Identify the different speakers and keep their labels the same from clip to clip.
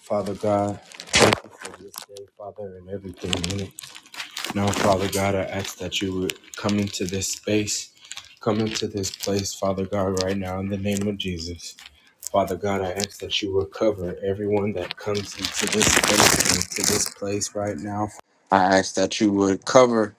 Speaker 1: Father God, thank you for this day, Father, and everything in it. Now, Father God, I ask that you would come into this space, come into this place, Father God, right now in the name of Jesus. Father God, I ask that you would cover everyone that comes into this space, into this place right now. I ask that you would cover.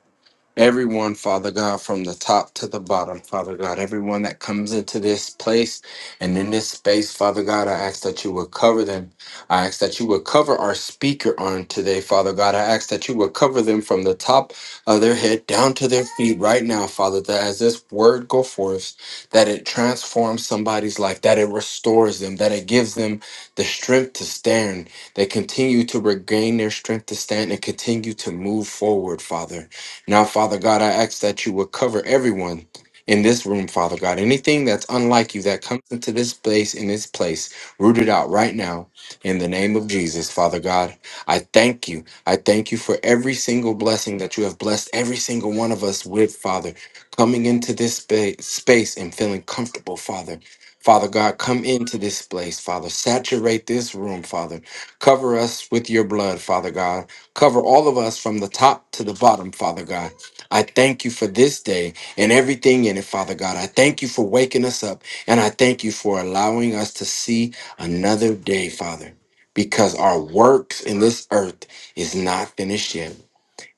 Speaker 1: Everyone, Father God, from the top to the bottom, Father God, everyone that comes into this place and in this space, Father God, I ask that you would cover them. I ask that you would cover our speaker on today, Father God. I ask that you would cover them from the top of their head down to their feet right now, Father, that as this word go forth, that it transforms somebody's life, that it restores them, that it gives them the strength to stand. They continue to regain their strength to stand and continue to move forward, Father. Now, Father God, I ask that you would cover everyone in this room, Father God. Anything that's unlike you that comes into this place, in this place, root it out right now in the name of Jesus, Father God. I thank you. I thank you for every single blessing that you have blessed every single one of us with, Father. Coming into this spa- space and feeling comfortable, Father. Father God, come into this place, Father. Saturate this room, Father. Cover us with your blood, Father God. Cover all of us from the top to the bottom, Father God. I thank you for this day and everything in it, Father God. I thank you for waking us up and I thank you for allowing us to see another day, Father, because our works in this earth is not finished yet.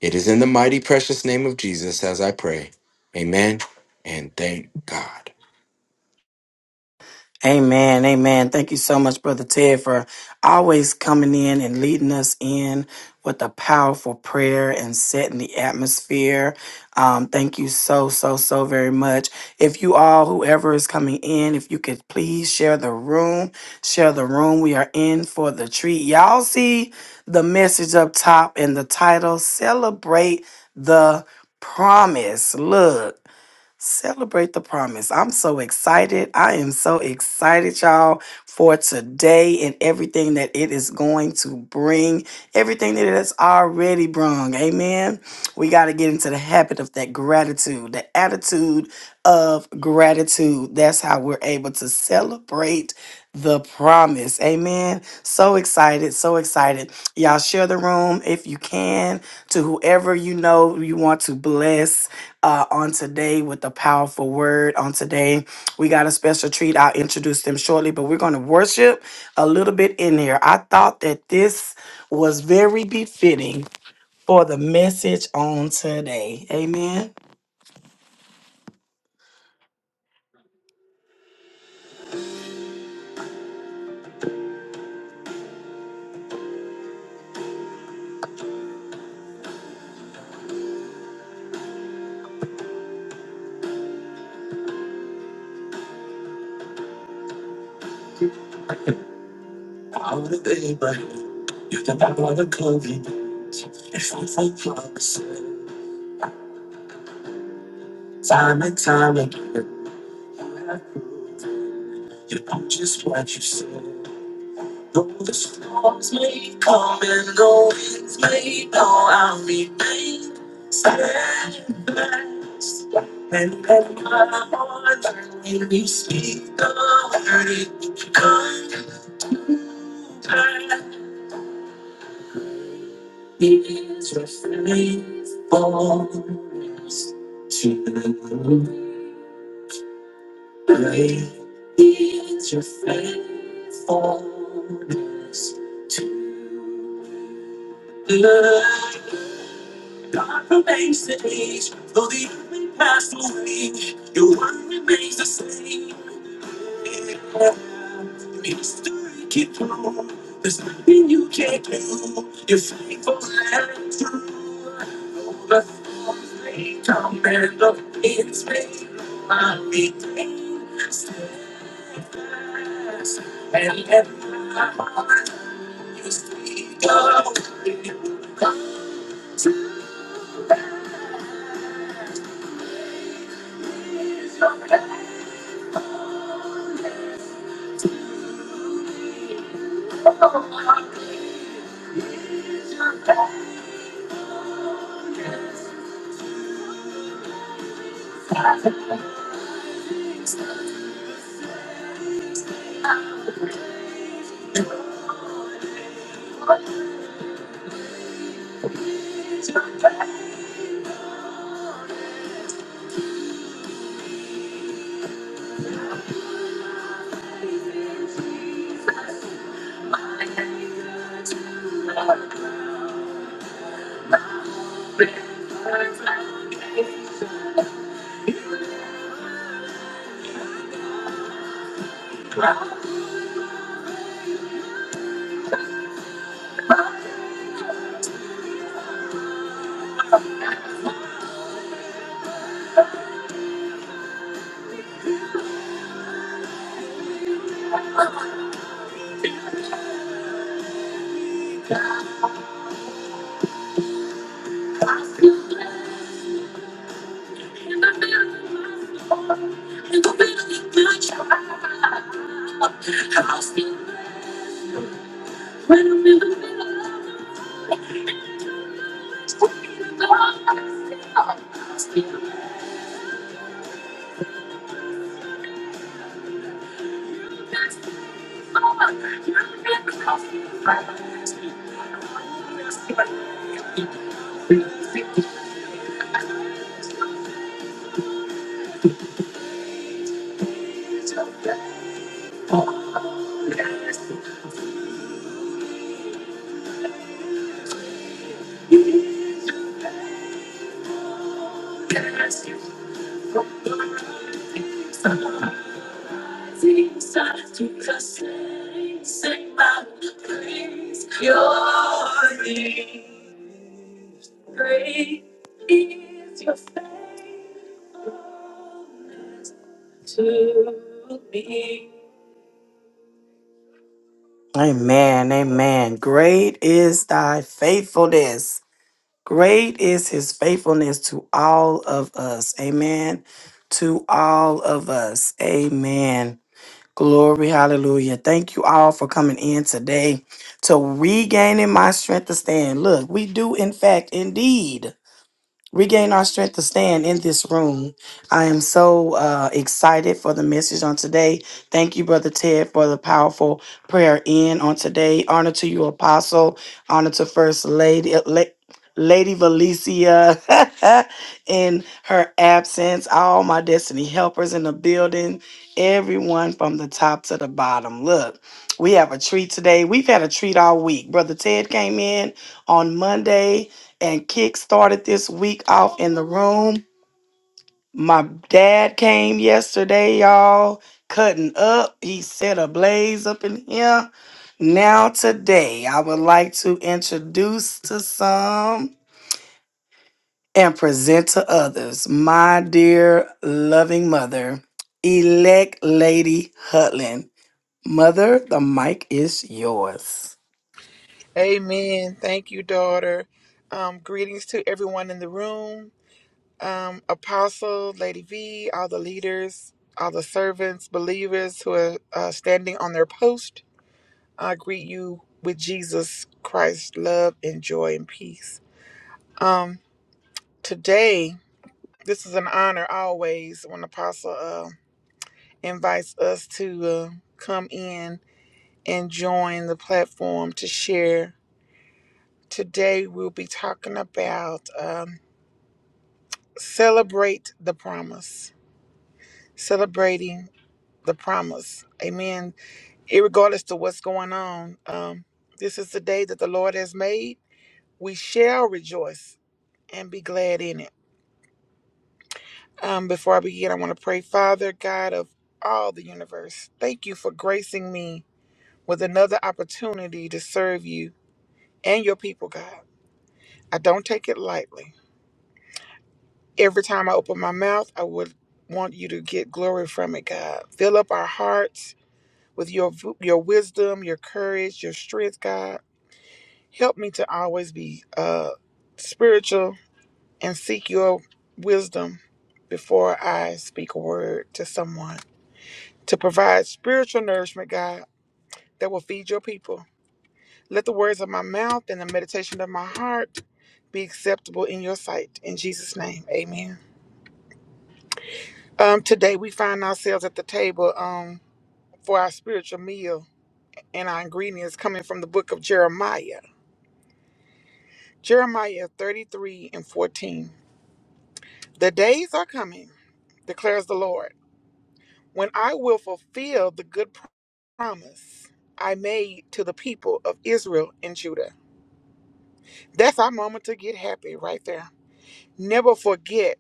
Speaker 1: It is in the mighty precious name of Jesus as I pray. Amen and thank God.
Speaker 2: Amen. Amen. Thank you so much, Brother Ted, for always coming in and leading us in with a powerful prayer and setting the atmosphere. Um, thank you so, so, so very much. If you all, whoever is coming in, if you could please share the room, share the room. We are in for the treat. Y'all see the message up top and the title Celebrate the Promise. Look. Celebrate the promise. I'm so excited. I am so excited, y'all, for today and everything that it is going to bring, everything that it has already brung. Amen. We got to get into the habit of that gratitude, the attitude of gratitude. That's how we're able to celebrate the promise. Amen. So excited, so excited. Y'all share the room if you can to whoever you know you want to bless uh, on today with a powerful word. On today, we got a special treat. I'll introduce them shortly, but we're going to worship a little bit in here. I thought that this was very befitting for the message on today. Amen. I wanna be, but you're the power that covers. It's not like promises. Time and time again, you have proven you know just what you said. Though the storms may come and the winds may blow, I'll remain steadfast. And let my heart learn when you speak the word, it will come to pass. He is your faithfulness to me. Great is your faithfulness to me. God remains the age, though the earth may pass away, your word remains the same. History keep through. There's nothing you can't do. You're faithful and true. Though The storms may come and the winds may blow. I remain steadfast and let my heart you speak of. Amen, amen. Great is thy faithfulness. Great is his faithfulness to all of us. Amen. To all of us. Amen. Glory, hallelujah. Thank you all for coming in today to regaining my strength to stand. Look, we do, in fact, indeed regain our strength to stand in this room. I am so uh, excited for the message on today. Thank you, Brother Ted, for the powerful prayer in on today. Honor to you, Apostle. Honor to First Lady. uh, La- Lady Valencia in her absence, all my destiny helpers in the building, everyone from the top to the bottom. Look, we have a treat today. We've had a treat all week. Brother Ted came in on Monday and kick started this week off in the room. My dad came yesterday, y'all, cutting up. He set a blaze up in here. Now, today, I would like to introduce to some and present to others my dear loving mother, elect Lady Hutland. Mother, the mic is yours.
Speaker 3: Amen. Thank you, daughter. Um, greetings to everyone in the room. Um, Apostle, Lady V, all the leaders, all the servants, believers who are uh, standing on their post. I greet you with Jesus Christ's love and joy and peace. Um, today, this is an honor always when Apostle uh, invites us to uh, come in and join the platform to share. Today, we'll be talking about. Um, Celebrate the promise. Celebrating the promise. Amen. Irregardless to what's going on, um, this is the day that the Lord has made. We shall rejoice and be glad in it. Um, before I begin, I want to pray, Father God of all the universe, thank you for gracing me with another opportunity to serve you and your people, God. I don't take it lightly. Every time I open my mouth, I would want you to get glory from it, God. Fill up our hearts with your your wisdom, your courage, your strength, God. Help me to always be uh spiritual and seek your wisdom before I speak a word to someone. To provide spiritual nourishment, God, that will feed your people. Let the words of my mouth and the meditation of my heart be acceptable in your sight. In Jesus' name, amen. Um, today we find ourselves at the table um, for our spiritual meal and our ingredients coming from the book of Jeremiah. Jeremiah 33 and 14. The days are coming, declares the Lord, when I will fulfill the good promise I made to the people of Israel and Judah. That's our moment to get happy right there. Never forget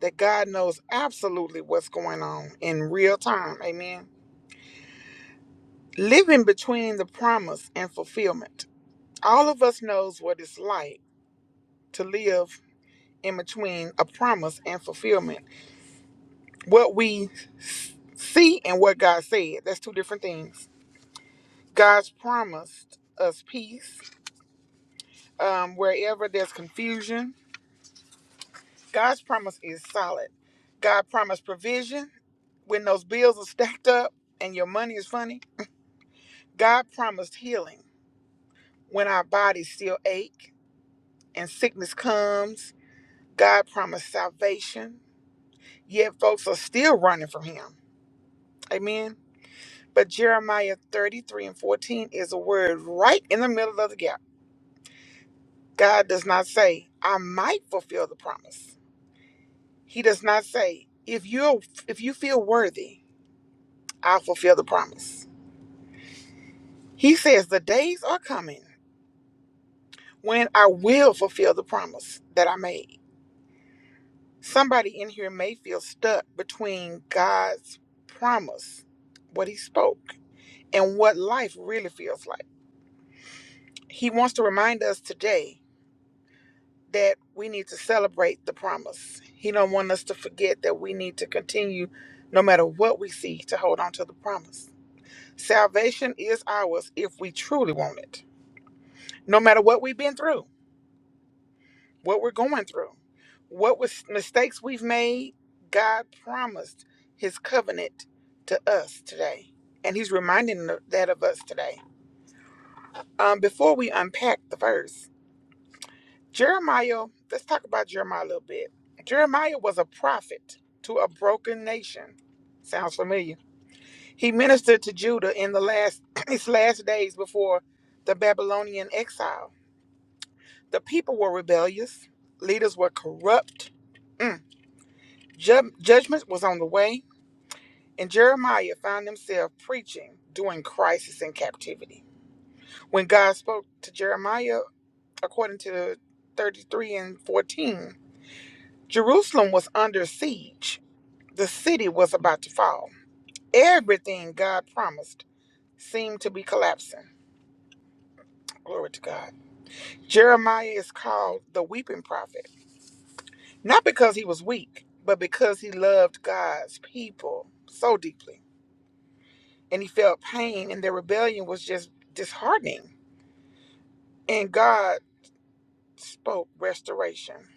Speaker 3: that God knows absolutely what's going on in real time. Amen. Living between the promise and fulfillment. All of us knows what it's like to live in between a promise and fulfillment what we see and what God said. That's two different things. God's promised us peace um, wherever there's confusion. God's promise is solid. God promised provision when those bills are stacked up and your money is funny. God promised healing when our bodies still ache and sickness comes. God promised salvation, yet folks are still running from Him. Amen But Jeremiah 33 and 14 is a word right in the middle of the gap. God does not say, I might fulfill the promise. He does not say, if you if you feel worthy, I'll fulfill the promise. He says the days are coming when I will fulfill the promise that I made. Somebody in here may feel stuck between God's promise, what he spoke, and what life really feels like. He wants to remind us today that we need to celebrate the promise. He don't want us to forget that we need to continue no matter what we see to hold on to the promise. Salvation is ours if we truly want it. No matter what we've been through, what we're going through, what was mistakes we've made, God promised his covenant to us today. And he's reminding that of us today. Um, before we unpack the verse, Jeremiah, let's talk about Jeremiah a little bit. Jeremiah was a prophet to a broken nation. Sounds familiar. He ministered to Judah in the last his last days before the Babylonian exile. The people were rebellious, leaders were corrupt, Mm. Ju- judgment was on the way, and Jeremiah found himself preaching during crisis and captivity. When God spoke to Jeremiah, according to 33 and 14, Jerusalem was under siege. The city was about to fall. Everything God promised seemed to be collapsing. Glory to God. Jeremiah is called the weeping prophet, not because he was weak, but because he loved God's people so deeply. And he felt pain, and their rebellion was just disheartening. And God spoke restoration.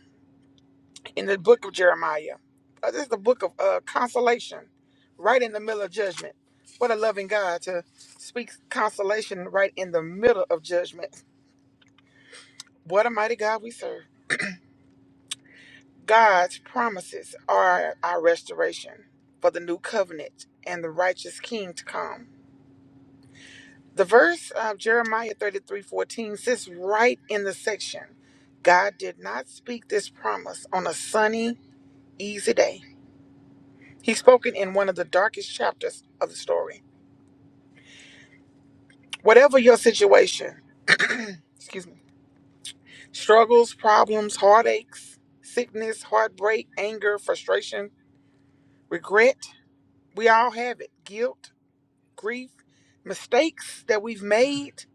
Speaker 3: in the book of Jeremiah. Uh, This is the book of uh, consolation, right in the middle of judgment. What a loving God to speak consolation right in the middle of judgment. What a mighty God we serve. God's promises are our restoration for the new covenant and the righteous king to come. The verse of Jeremiah 33 14 sits right in the section. God did not speak this promise on a sunny, easy day. He's spoken in one of the darkest chapters of the story. Whatever your situation, excuse me, struggles, problems, heartaches, sickness, heartbreak, anger, frustration, regret, we all have it. Guilt, grief, mistakes that we've made,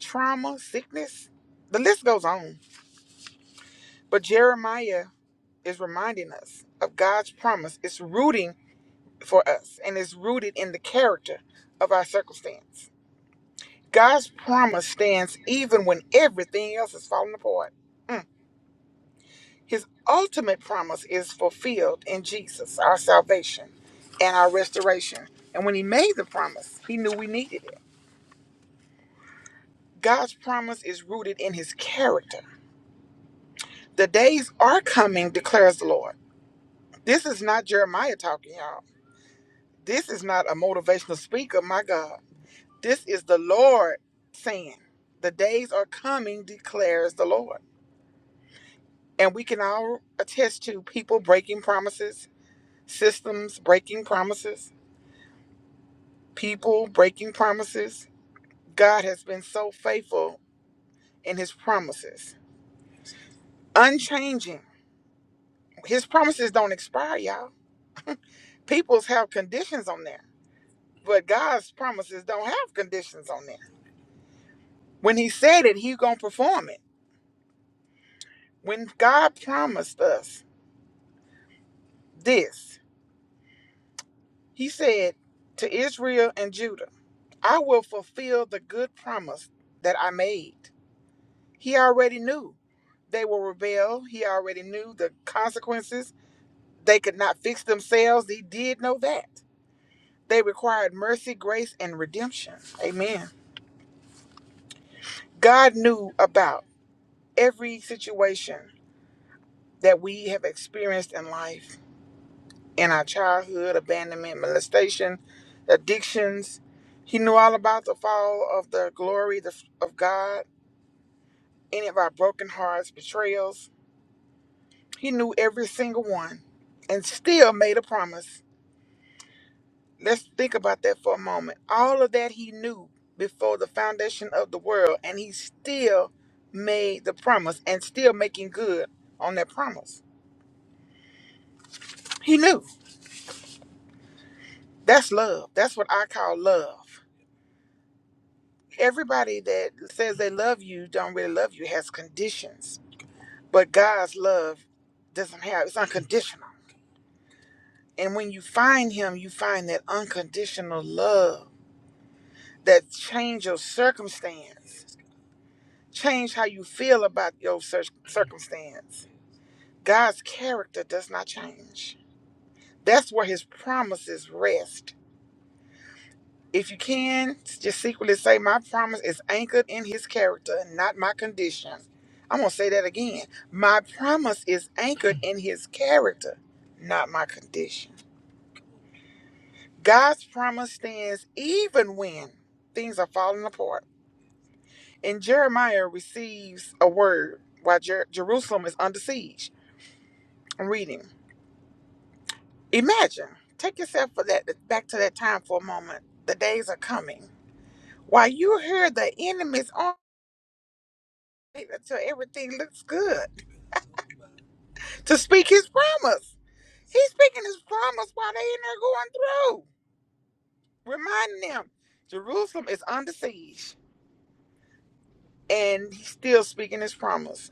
Speaker 3: trauma, sickness, the list goes on. But Jeremiah is reminding us of God's promise. It's rooting for us and it's rooted in the character of our circumstance. God's promise stands even when everything else is falling apart. Mm. His ultimate promise is fulfilled in Jesus, our salvation and our restoration. And when he made the promise, he knew we needed it. God's promise is rooted in his character. The days are coming, declares the Lord. This is not Jeremiah talking, y'all. This is not a motivational speaker, my God. This is the Lord saying, The days are coming, declares the Lord. And we can all attest to people breaking promises, systems breaking promises, people breaking promises. God has been so faithful in his promises, unchanging. His promises don't expire, y'all. People's have conditions on there, but God's promises don't have conditions on there. When he said it, he going to perform it. When God promised us this, he said to Israel and Judah, I will fulfill the good promise that I made. He already knew they will rebel. He already knew the consequences. They could not fix themselves. He did know that. They required mercy, grace, and redemption. Amen. God knew about every situation that we have experienced in life, in our childhood, abandonment, molestation, addictions. He knew all about the fall of the glory of God, any of our broken hearts, betrayals, He knew every single one and still made a promise. Let's think about that for a moment. All of that he knew before the foundation of the world, and he still made the promise and still making good on that promise. He knew. That's love. That's what I call love. Everybody that says they love you don't really love you has conditions. But God's love doesn't have it's unconditional. And when you find him, you find that unconditional love that change your circumstance, change how you feel about your cir- circumstance. God's character does not change. That's where his promises rest. If you can, just secretly say, My promise is anchored in his character and not my condition. I'm going to say that again. My promise is anchored in his character, not my condition. God's promise stands even when things are falling apart. And Jeremiah receives a word while Jer- Jerusalem is under siege. I'm reading. Imagine, take yourself for that back to that time for a moment. The days are coming. While you hear the enemy's on until everything looks good to speak his promise. He's speaking his promise while they in there going through, reminding them Jerusalem is under siege. And he's still speaking his promise.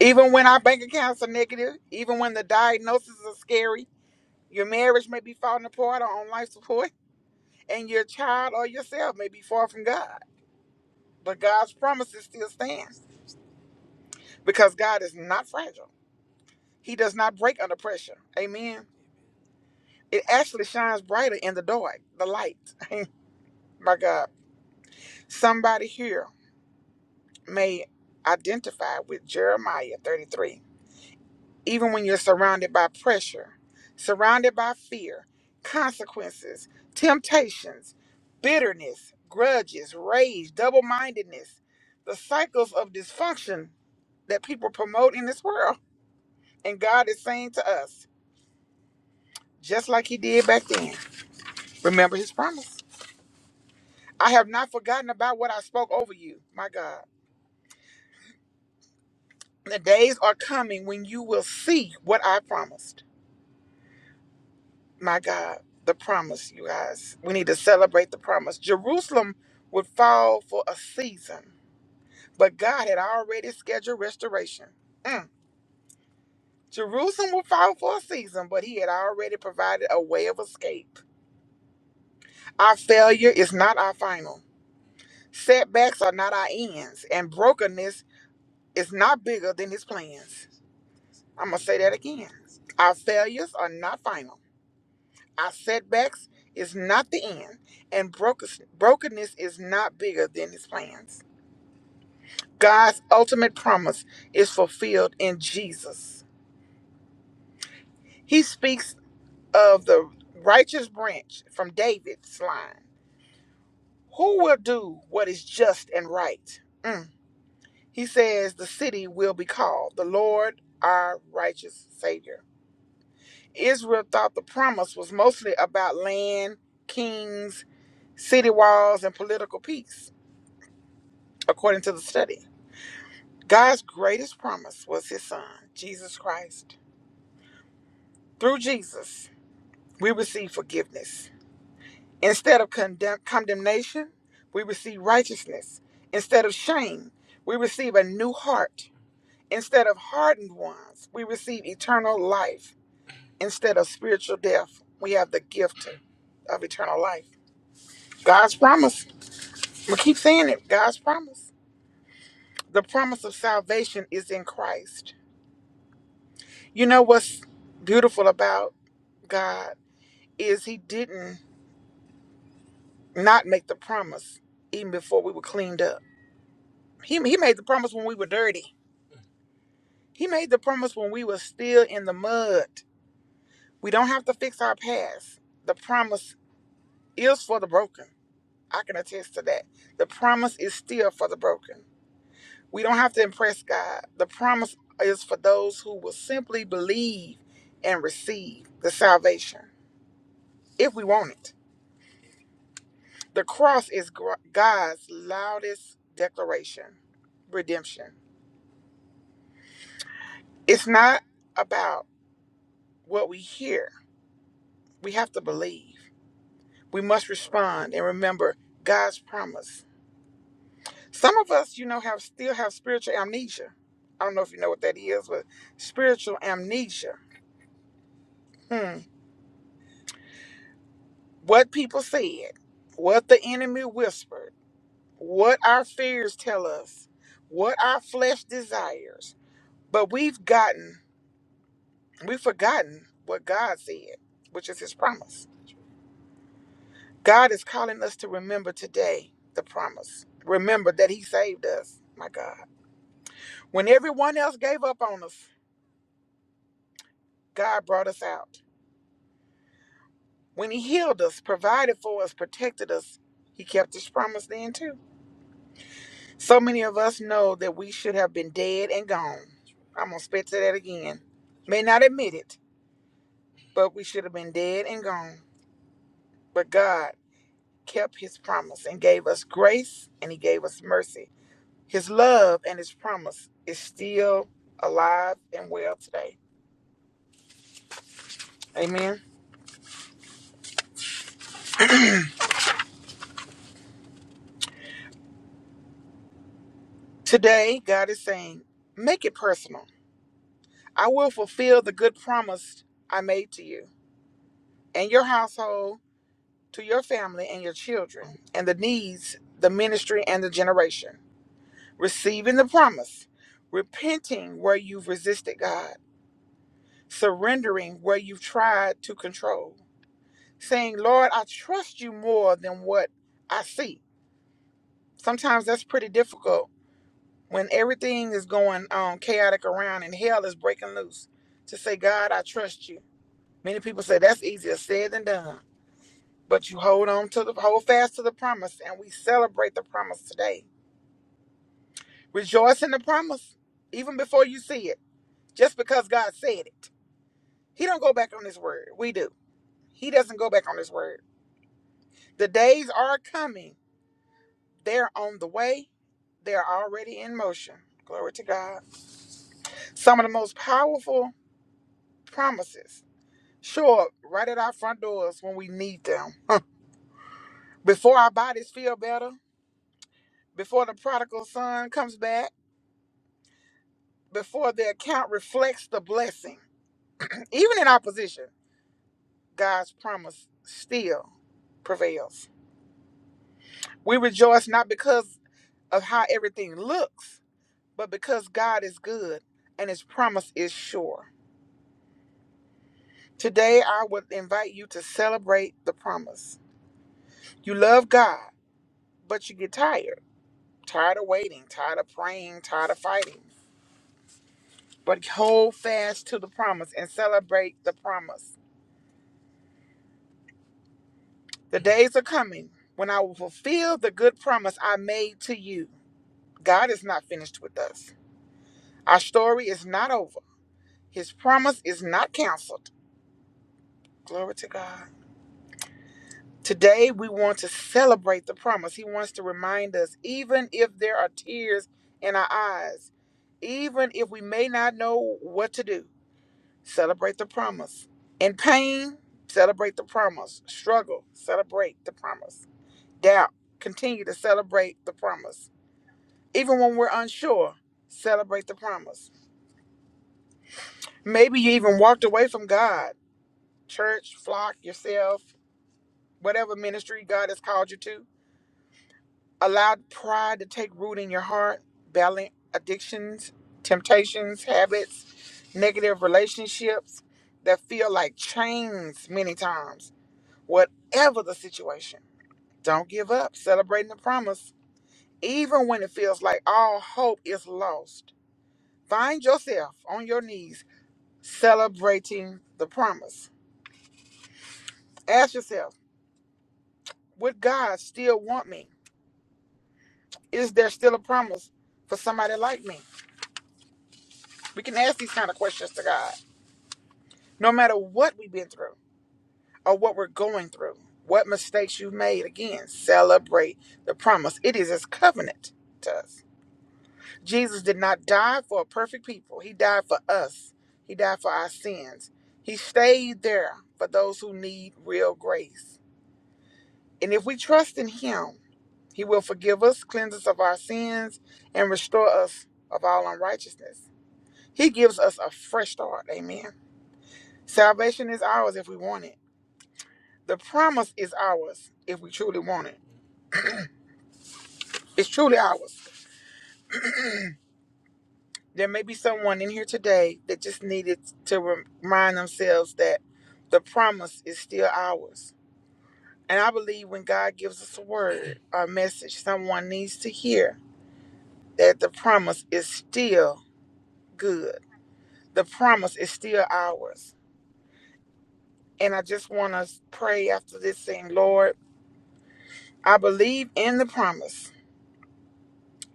Speaker 3: Even when our bank accounts are negative, even when the diagnoses are scary, Your marriage may be falling apart or on life support, and your child or yourself may be far from God. But God's promises still stands because God is not fragile. He does not break under pressure. Amen. It actually shines brighter in the dark, the light. My God. Somebody here may identify with Jeremiah 33 even when you're surrounded by pressure, surrounded by fear, consequences, temptations, bitterness, grudges, rage, double mindedness, the cycles of dysfunction that people promote in this world. And God is saying to us, just like He did back then, remember His promise. I have not forgotten about what I spoke over you, my God. The days are coming when you will see what I promised. my God, the promise, you guys. We need to celebrate the promise. Jerusalem would fall for a season, but God had already scheduled restoration. Mm. Jerusalem would fall for a season, but He had already provided a way of escape. Our failure is not our final, setbacks are not our ends, and brokenness is not bigger than His plans. I'm going to say that again. Our failures are not final Our setbacks is not the end, and brokenness brokenness is not bigger than his plans. God's ultimate promise is fulfilled in Jesus. He speaks of the righteous branch from David's line. Who will do what is just and right? Mm. He says the city will be called the Lord our righteous Savior. Israel thought the promise was mostly about land, kings, city walls, and political peace. according to the study. God's greatest promise was his son, Jesus Christ. Through Jesus, we receive forgiveness. Instead of condemn- condemnation, we receive righteousness. Instead of shame, we receive a new heart. Instead of hardened ones, we receive eternal life. Instead of spiritual death, we have the gift of eternal life. God's promise. We keep saying it. God's promise. The promise of salvation is in Christ. You know what's beautiful about God is he didn't not make the promise even before we were cleaned up. He, he made the promise when we were dirty. He made the promise when we were still in the mud. We don't have to fix our past. The promise is for the broken. I can attest to that. The promise is still for the broken. We don't have to impress God. The promise is for those who will simply believe and receive the salvation if we want it. The cross is gr- God's loudest declaration, redemption. It's not about what we hear. We have to believe. We must respond and remember God's promise. Some of us, you know, have still have spiritual amnesia. I don't know if you know what that is, but spiritual amnesia. Hmm. What people said, what the enemy whispered, what our fears tell us, what our flesh desires. But we've gotten We've forgotten what God said, which is his promise. God is calling us to remember today the promise. Remember that he saved us, my God. When everyone else gave up on us, God brought us out. When he healed us, provided for us, protected us, he kept his promise then too. So many of us know that we should have been dead and gone. I'm going to spit to that again. May not admit it, but we should have been dead and gone. But God, kept his promise and gave us grace and he gave us mercy. His love and his promise is still alive and well today. Amen. Today, God is saying, make it personal. I will fulfill the good promise I made to you and your household, to your family and your children, and the needs, the ministry, and the generation. Receiving the promise, repenting where you've resisted God, surrendering where you've tried to control saying, Lord, I trust you more than what I see. Sometimes that's pretty difficult when everything is going um, chaotic around and hell is breaking loose to say, God, I trust you. Many people say that's easier said than done, but you hold on to the hold fast to the promise, and we celebrate the promise today. Rejoice in the promise, even before you see it, just because God said it. He don't go back on His word. We do. He doesn't go back on His word. The days are coming They're on the way, they're already in motion. Glory to God. Some of the most powerful promises show up right at our front doors when we need them. Before our bodies feel better, before the prodigal son comes back, before the account reflects the blessing. Even in opposition, God's promise still prevails. We rejoice not because of how everything looks, but because God is good and his promise is sure. Today, I would invite you to celebrate the promise. You love God, but you get tired. Tired of waiting, tired of praying, tired of fighting. But hold fast to the promise and celebrate the promise. The days are coming when I will fulfill the good promise I made to you. God is not finished with us. Our story is not over. His promise is not canceled. Glory to God. Today, we want to celebrate the promise. He wants to remind us, even if there are tears in our eyes, even if we may not know what to do, celebrate the promise. In pain, celebrate the promise. Struggle, celebrate the promise. Doubt, continue to celebrate the promise. Even when we're unsure, celebrate the promise. Maybe you even walked away from God, church, flock, yourself, whatever ministry God has called you to Allowed pride to take root in your heart, battling addictions, temptations, habits, negative relationships that feel like chains many times. Whatever the situation, don't give up. Celebrating the promise, even when it feels like all hope is lost. Find yourself on your knees celebrating the promise. Ask yourself, would God still want me? Is there still a promise for somebody like me? We can ask these kind of questions to God. No matter what we've been through or what we're going through, what mistakes you've made, again, celebrate the promise. It is his covenant to us. Jesus did not die for a perfect people, he died for us, he died for our sins. He stayed there for those who need real grace. And if we trust in him, he will forgive us, cleanse us of our sins, and restore us of all unrighteousness. He gives us a fresh start. Amen. Salvation is ours if we want it. The promise is ours if we truly want it. It's truly ours. There may be someone in here today that just needed to remind themselves that the promise is still ours. And I believe when God gives us a word or a message, someone needs to hear that the promise is still good. The promise is still ours. And I just want to pray after this saying, Lord, I believe in the promise.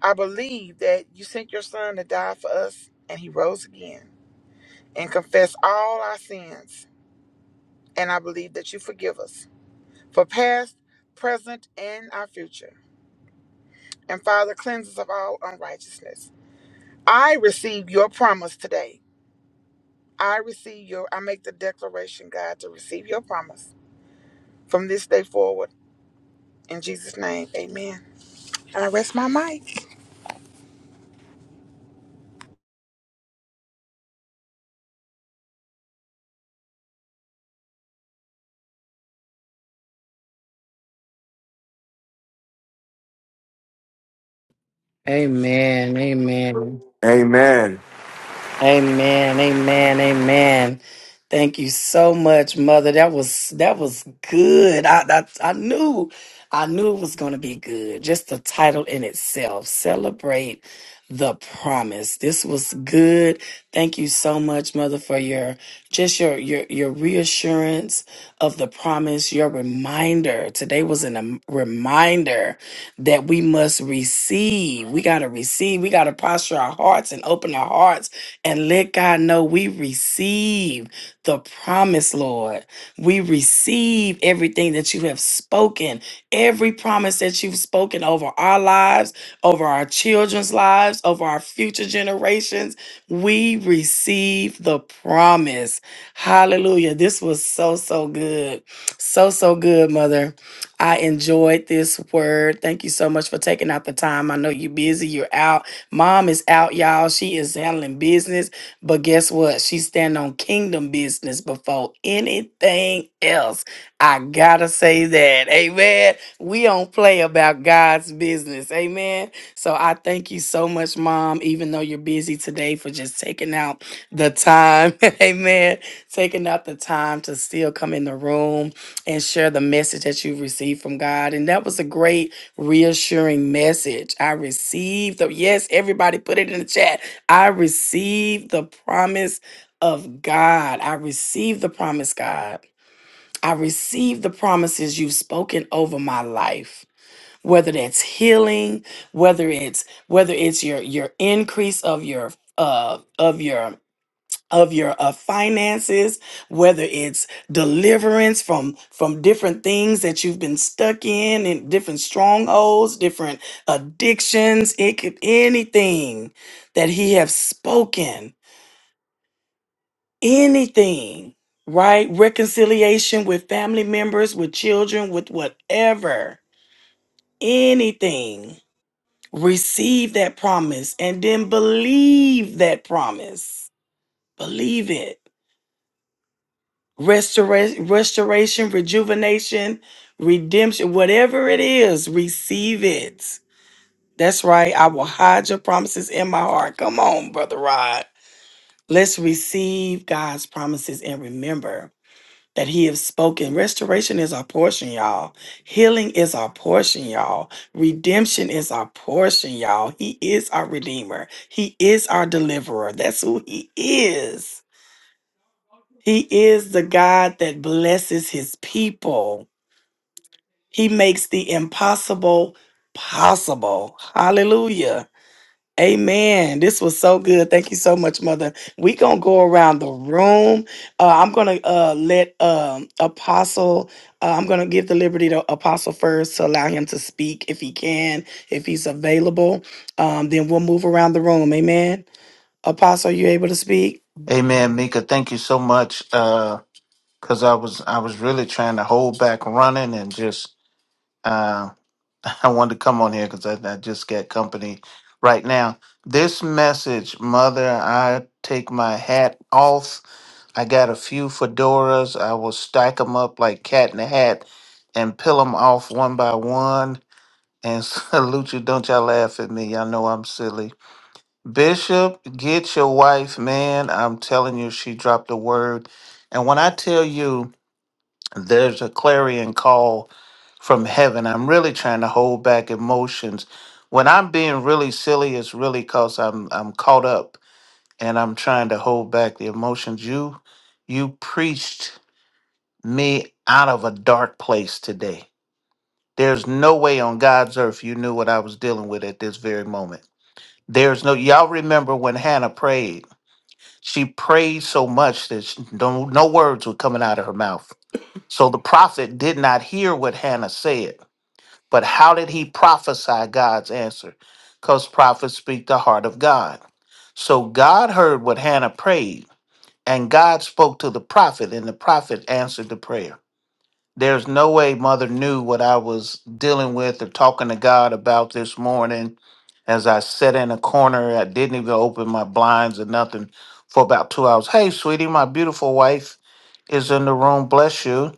Speaker 3: I believe that you sent your son to die for us and he rose again. and confess all our sins, and I believe that you forgive us for past, present, and our future. And Father, cleanse us of all unrighteousness. I receive your promise today. I receive your, I make the declaration, God, to receive your promise from this day forward. In Jesus' name, amen. And I rest my mic.
Speaker 2: Amen. Amen.
Speaker 1: Amen.
Speaker 2: Amen. Amen. Amen. Thank you so much, Mother. That was that was good. I I, I knew I knew it was going to be good. Just the title in itself, celebrate the promise. This was good. Thank you so much, Mother, for your just your your your reassurance of the promise. Your reminder today was a reminder that we must receive. We got to receive. We got to posture our hearts and open our hearts and let God know we receive the promise, Lord. We receive everything that you have spoken, every promise that you've spoken over our lives, over our children's lives, over our future generations. We receive the promise. Hallelujah. This was so, so good. So, so good, Mother. I enjoyed this word. Thank you so much for taking out the time. I know you're busy, you're out. Mom is out, y'all. She is handling business, but guess what? She's standing on kingdom business before anything else. I gotta say that. Amen. We don't play about God's business. Amen. So I thank you so much, Mom, even though you're busy today for just taking out the time. Amen. Taking out the time to still come in the room and share the message that you received from God. And that was a great reassuring message. I received the yes, everybody put it in the chat. I received the promise of God. I received the promise, God. I received the promises you've spoken over my life. Whether that's healing, whether it's whether it's your your increase of your uh of your of your uh, finances whether it's deliverance from from different things that you've been stuck in and different strongholds different addictions it could anything that he have spoken anything right reconciliation with family members with children with whatever anything receive that promise and then believe that promise believe it restoration, restoration, rejuvenation, redemption, whatever it is, receive it. That's right. I will hide your promises in my heart. Come on, brother Rod. Let's receive God's promises and remember that He has spoken. Restoration is our portion, y'all. Healing is our portion, y'all. Redemption is our portion, y'all. He is our Redeemer, He is our Deliverer. That's who He is. He is the God that blesses his people. He makes the impossible possible. Hallelujah. Amen. This was so good. Thank you so much, Mother. we going to go around the room. Uh, I'm going to uh, let um, Apostle, uh, I'm going to give the liberty to Apostle first to allow him to speak if he can, if he's available. Um, then we'll move around the room. Amen. Apostle, are you able to speak?
Speaker 4: Amen, Mika. Thank you so much. Uh, cause I was I was really trying to hold back running and just uh, I wanted to come on here because I, I just got company right now. This message, mother, I take my hat off. I got a few fedoras. I will stack them up like cat in a hat and peel them off one by one. And salute you. Don't y'all laugh at me. Y'all know I'm silly. Bishop, get your wife, man. I'm telling you, she dropped a word. And when I tell you there's a clarion call from heaven, I'm really trying to hold back emotions. When I'm being really silly, it's really because I'm I'm caught up and I'm trying to hold back the emotions. You you preached me out of a dark place today. There's no way on God's earth you knew what I was dealing with at this very moment. There's no y'all remember when Hannah prayed. She prayed so much that she- no, no words were coming out of her mouth. So the prophet did not hear what Hannah said. But how did he prophesy God's answer? Because prophets speak the heart of God. So God heard what Hannah prayed, and God spoke to the prophet, and the prophet answered the prayer. There's no way mother knew what I was dealing with or talking to God about this morning as I sat in a corner. I didn't even open my blinds or nothing for about two hours. Hey, sweetie, my beautiful wife is in the room. Bless you.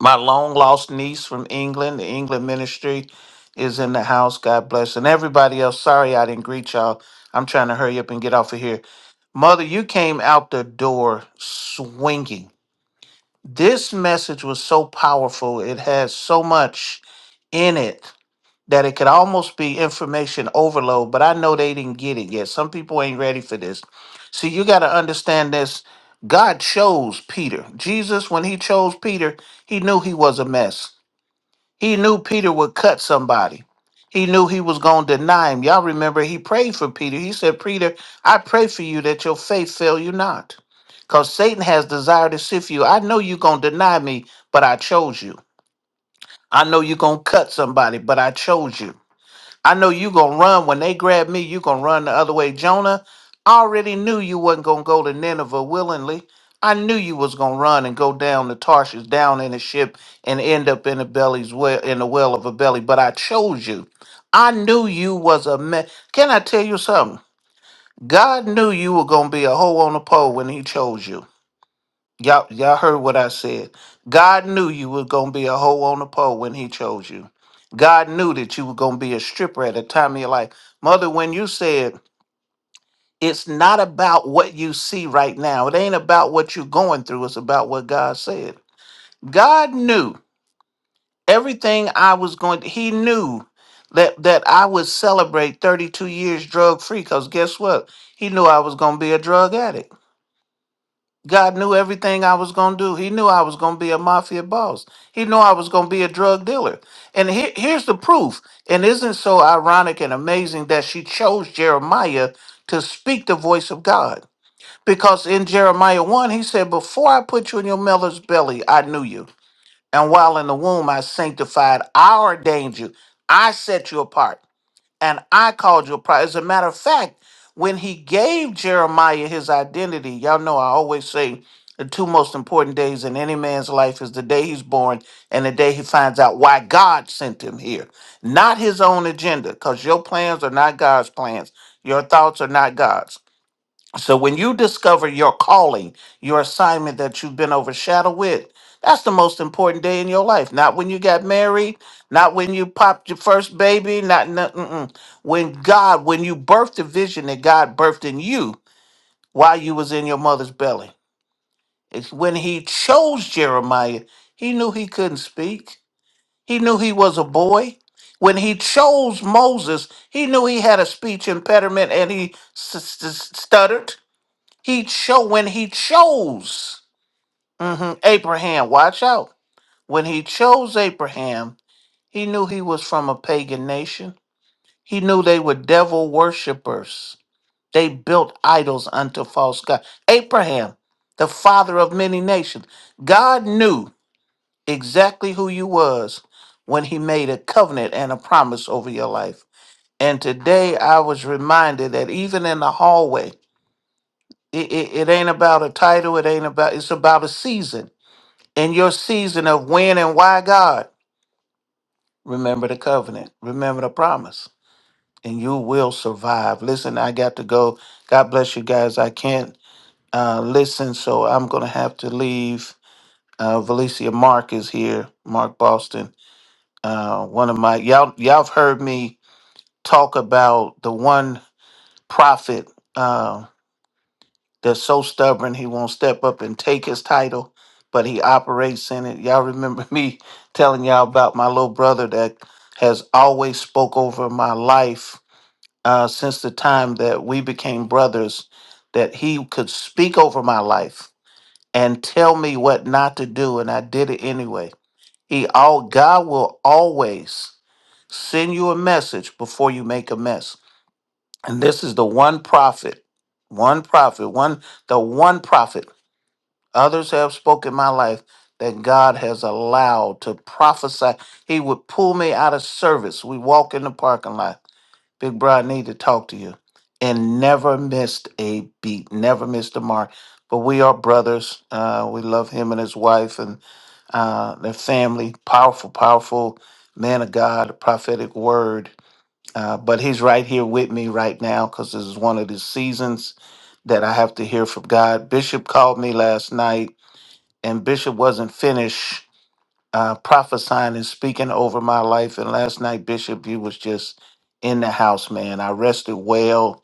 Speaker 4: My long lost niece from England, the England ministry, is in the house. God bless. And everybody else, sorry I didn't greet y'all. I'm trying to hurry up and get off of here. Mother, you came out the door swinging this message was so powerful. It has so much in it that it could almost be information overload, but I know they didn't get it yet. Some people ain't ready for this. See, you got to understand this. God chose Peter. Jesus, when he chose Peter, he knew he was a mess. He knew Peter would cut somebody. He knew he was going to deny him. Y'all remember he prayed for Peter. He said, Peter, I pray for you that your faith fail you not. Because Satan has desire to sift you. I know you're going to deny me, but I chose you. I know you're going to cut somebody, but I chose you. I know you gonna run when they grab me. You gonna run the other way, Jonah. I already knew you wasn't gonna go to Nineveh willingly. I knew you was gonna run and go down to Tarshish, down in a ship, and end up in a belly's well, in the well of a belly. But I chose you. I knew you was a man. Can I tell you something? God knew you were gonna be a hoe on a pole when He chose you. Y'all, y'all heard what I said. God knew you were gonna be a hoe on the pole when He chose you. God knew that you were gonna be a stripper at a time of your life, mother. When you said it's not about what you see right now, it ain't about what you're going through. It's about what God said. God knew everything I was going. To, he knew that that I would celebrate 32 years drug free. Cause guess what? He knew I was gonna be a drug addict. God knew everything I was going to do. He knew I was going to be a mafia boss. He knew I was going to be a drug dealer. And he- here's the proof. And isn't so ironic and amazing that she chose Jeremiah to speak the voice of God? Because in Jeremiah 1, he said, Before I put you in your mother's belly, I knew you. And while in the womb, I sanctified, I ordained you, I set you apart and I called you a prophet. As a matter of fact, when he gave Jeremiah his identity, y'all know I always say the two most important days in any man's life is the day he's born and the day he finds out why God sent him here, not his own agenda, because your plans are not God's plans. Your thoughts are not God's. So when you discover your calling, your assignment that you've been overshadowed with, that's the most important day in your life. Not when you got married, not when you popped your first baby, not no- mm-mm. when God, when you birthed the vision that God birthed in you while you was in your mother's belly. It's when he chose Jeremiah, he knew he couldn't speak. He knew he was a boy. When he chose Moses, he knew he had a speech impediment and he s- s- stuttered he chose when he chose mhm, Abraham. Watch out. When he chose Abraham, he knew he was from a pagan nation. He knew they were devil worshippers. They built idols unto false gods. Abraham, the father of many nations, God knew exactly who you was when he made a covenant and a promise over your life. And today I was reminded that even in the hallway, It, it, it ain't about a title. It ain't about, it's about a season. And your season of when and why God, remember the covenant, remember the promise, and you will survive. Listen, I got to go. God bless you guys. I can't uh, listen, so I'm going to have to leave. Uh, Valicia Mark is here, Mark Boston. Uh, one of my, y'all, y'all have heard me talk about the one prophet. uh, that's so stubborn he won't step up and take his title, but he operates in it. Y'all remember me telling y'all about my little brother that has always spoke over my life uh, since the time that we became brothers, that he could speak over my life and tell me what not to do, and I did it anyway. He all God will always send you a message before you make a mess. And this is the one prophet, one prophet, one the one prophet Others have spoken my life that God has allowed to prophesy. He would pull me out of service. We walk in the parking lot. Big bro, I need to talk to you. And never missed a beat, never missed a mark. But we are brothers. Uh, we love him and his wife and uh, their family. Powerful, powerful man of God, prophetic word. Uh, but he's right here with me right now because this is one of the seasons that I have to hear from God. Bishop called me last night and Bishop wasn't finished uh, prophesying and speaking over my life. And last night, Bishop, you was just in the house, man. I rested well,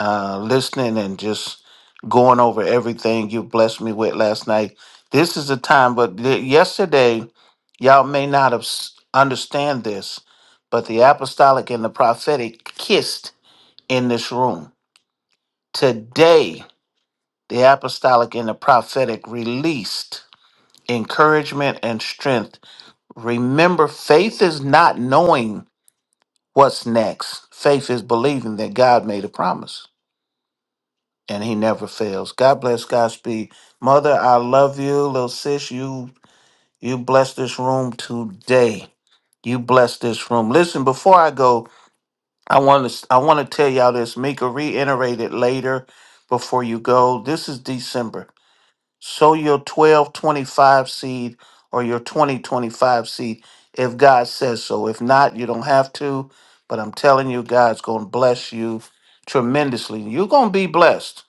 Speaker 4: uh, listening and just going over everything you blessed me with last night. This is the time, but y- yesterday, y'all may not have s- understand this, but the apostolic and the prophetic kissed in this room today. The apostolic and the prophetic released encouragement and strength Remember, faith is not knowing what's next. Faith is believing that God made a promise and he never fails. God bless Godspeed. Mother, I love you. Little sis, you you bless this room today. You bless this room. Listen, before I go, I want to I want to tell y'all this. Mika reiterate it later before you go. This is December. sow your 1225 seed or your 2025 seed if God says so. If not, you don't have to, but I'm telling you, God's going to bless you tremendously. You're going to be blessed,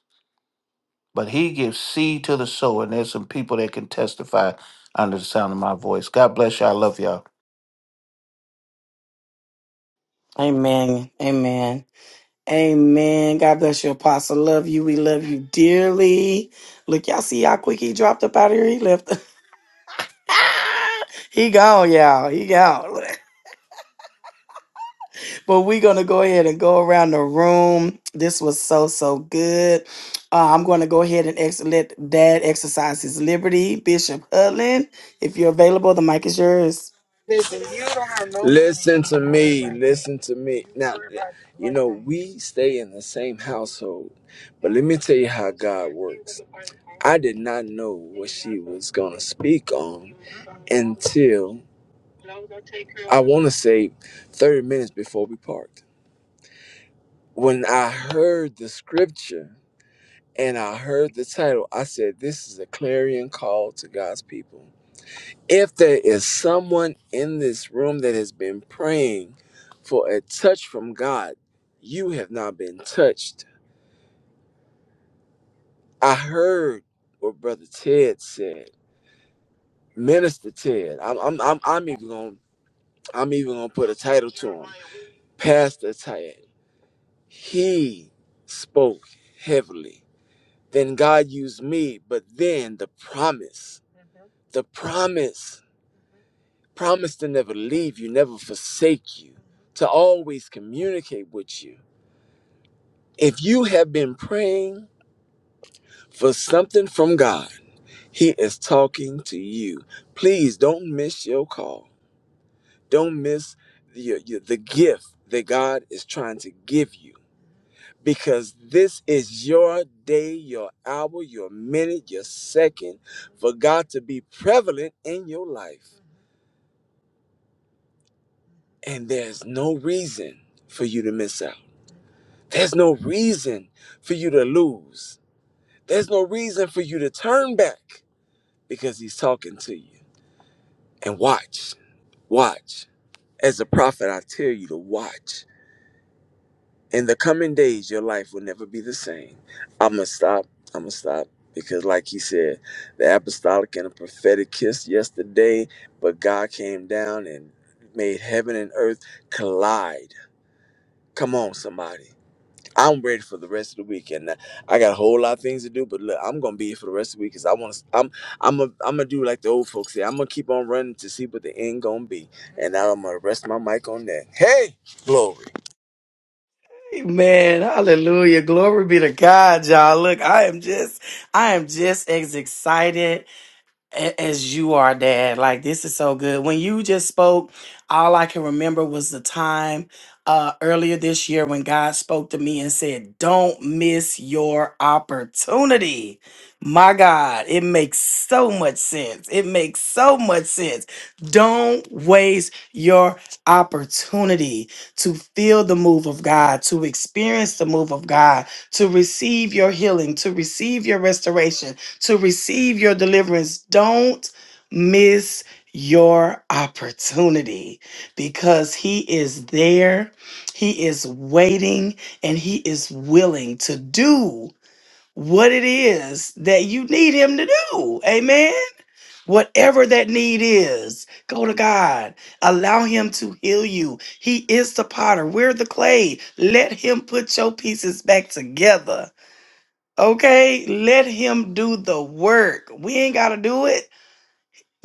Speaker 4: but He gives seed to the sower, and there's some people that can testify under the sound of my voice. God bless you. I love y'all.
Speaker 2: Amen. Amen. Amen. God bless you, Apostle. Love you. We love you dearly. Look, y'all see how quick he dropped up out of here. He left. he gone, y'all. He gone. but we're gonna go ahead and go around the room. This was so so good. Uh, I'm gonna go ahead and ex- let Dad exercise his liberty. Bishop Hudlin, if you're available, the mic is yours.
Speaker 5: Listen to me. Listen to me. Now, you know, we stay in the same household, but let me tell you how God works. I did not know what she was going to speak on until I want to say 30 minutes before we parked. When I heard the scripture and I heard the title, I said, This is a clarion call to God's people. If there is someone in this room that has been praying for a touch from God, you have not been touched. I heard what Brother Ted said, Minister Ted. I'm, I'm, I'm, I'm even gonna, I'm even gonna put a title to him, Pastor Ted. He spoke heavily. Then God used me, but then the promise, the promise. promised to never leave you, never forsake you, to always communicate with you. If you have been praying for something from God, He is talking to you. Please don't miss your call. Don't miss the, your- the gift that God is trying to give you because this is your day, your hour, your minute, your second for God to be prevalent in your life. And there's no reason for you to miss out. There's no reason for you to lose. There's no reason for you to turn back because he's talking to you. And watch, watch. As a prophet, I tell you to watch. In the coming days, your life will never be the same. I'm going to stop. I'm going to stop. Because, like he said, the apostolic and the prophetic kissed yesterday, but God came down and made heaven and earth collide. Come on, somebody. I'm ready for the rest of the week, and uh, I got a whole lot of things to do. But look, I'm gonna be here for the rest of the week because I want to. I'm I'm a, I'm gonna do like the old folks say. I'm gonna keep on running to see what the end gonna be, and now I'm gonna rest my mic on that. Hey, glory!
Speaker 2: Man, hallelujah. Glory be to God, y'all. Look, I am just I am just as excited a- as you are dad like this is so good when you just spoke all i can remember was the time uh earlier this year when god spoke to me and said don't miss your opportunity my god it makes so much sense it makes so much sense don't waste your opportunity to feel the move of god to experience the move of god to receive your healing to receive your restoration to receive your deliverance. Don't miss your opportunity because he is there, he is waiting, and he is willing to do what it is that you need him to do. Amen. Whatever that need is, go to God. Allow Him to heal you. He is the potter. We're the clay. Let Him put your pieces back together Okay, let him do the work. We ain't got to do it.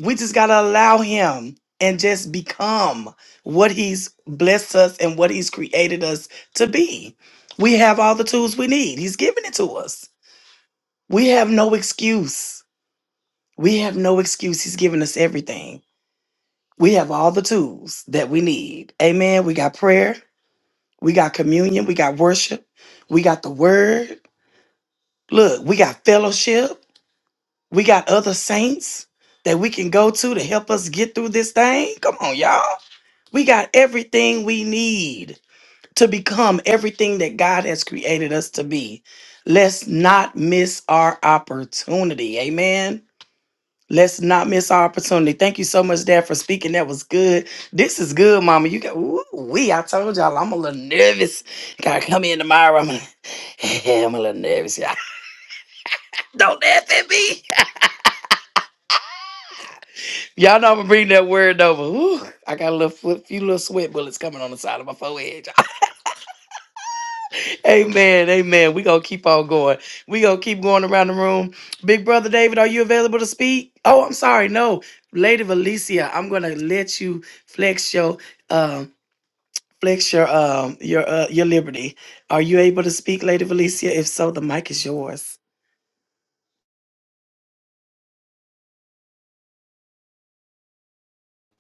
Speaker 2: We just got to allow him and just become what he's blessed us and what he's created us to be. We have all the tools we need. He's given it to us. We have no excuse. We have no excuse. He's given us everything. We have all the tools that we need. Amen. We got prayer. We got communion. We got worship. We got the word. Look, we got fellowship. We got other saints that we can go to to help us get through this thing. Come on, y'all. We got everything we need to become everything that God has created us to be. Let's not miss our opportunity. Amen. Let's not miss our opportunity. Thank you so much, Dad, for speaking. That was good. This is good, Mama. You got ooh, we. I told y'all I'm a little nervous. Gotta come in tomorrow. I'm, a, I'm a little nervous. y'all. Don't laugh at me. Y'all know I'm gonna bring that word over. Ooh, I got a little foot, few little sweat bullets coming on the side of my forehead. amen, amen. We gonna keep on going. We gonna keep going around the room. Big brother David, are you available to speak? Oh, I'm sorry, no, Lady Valencia, I'm gonna let you flex your um flex your um your uh your liberty. Are you able to speak, Lady Valencia? If so, the mic is yours.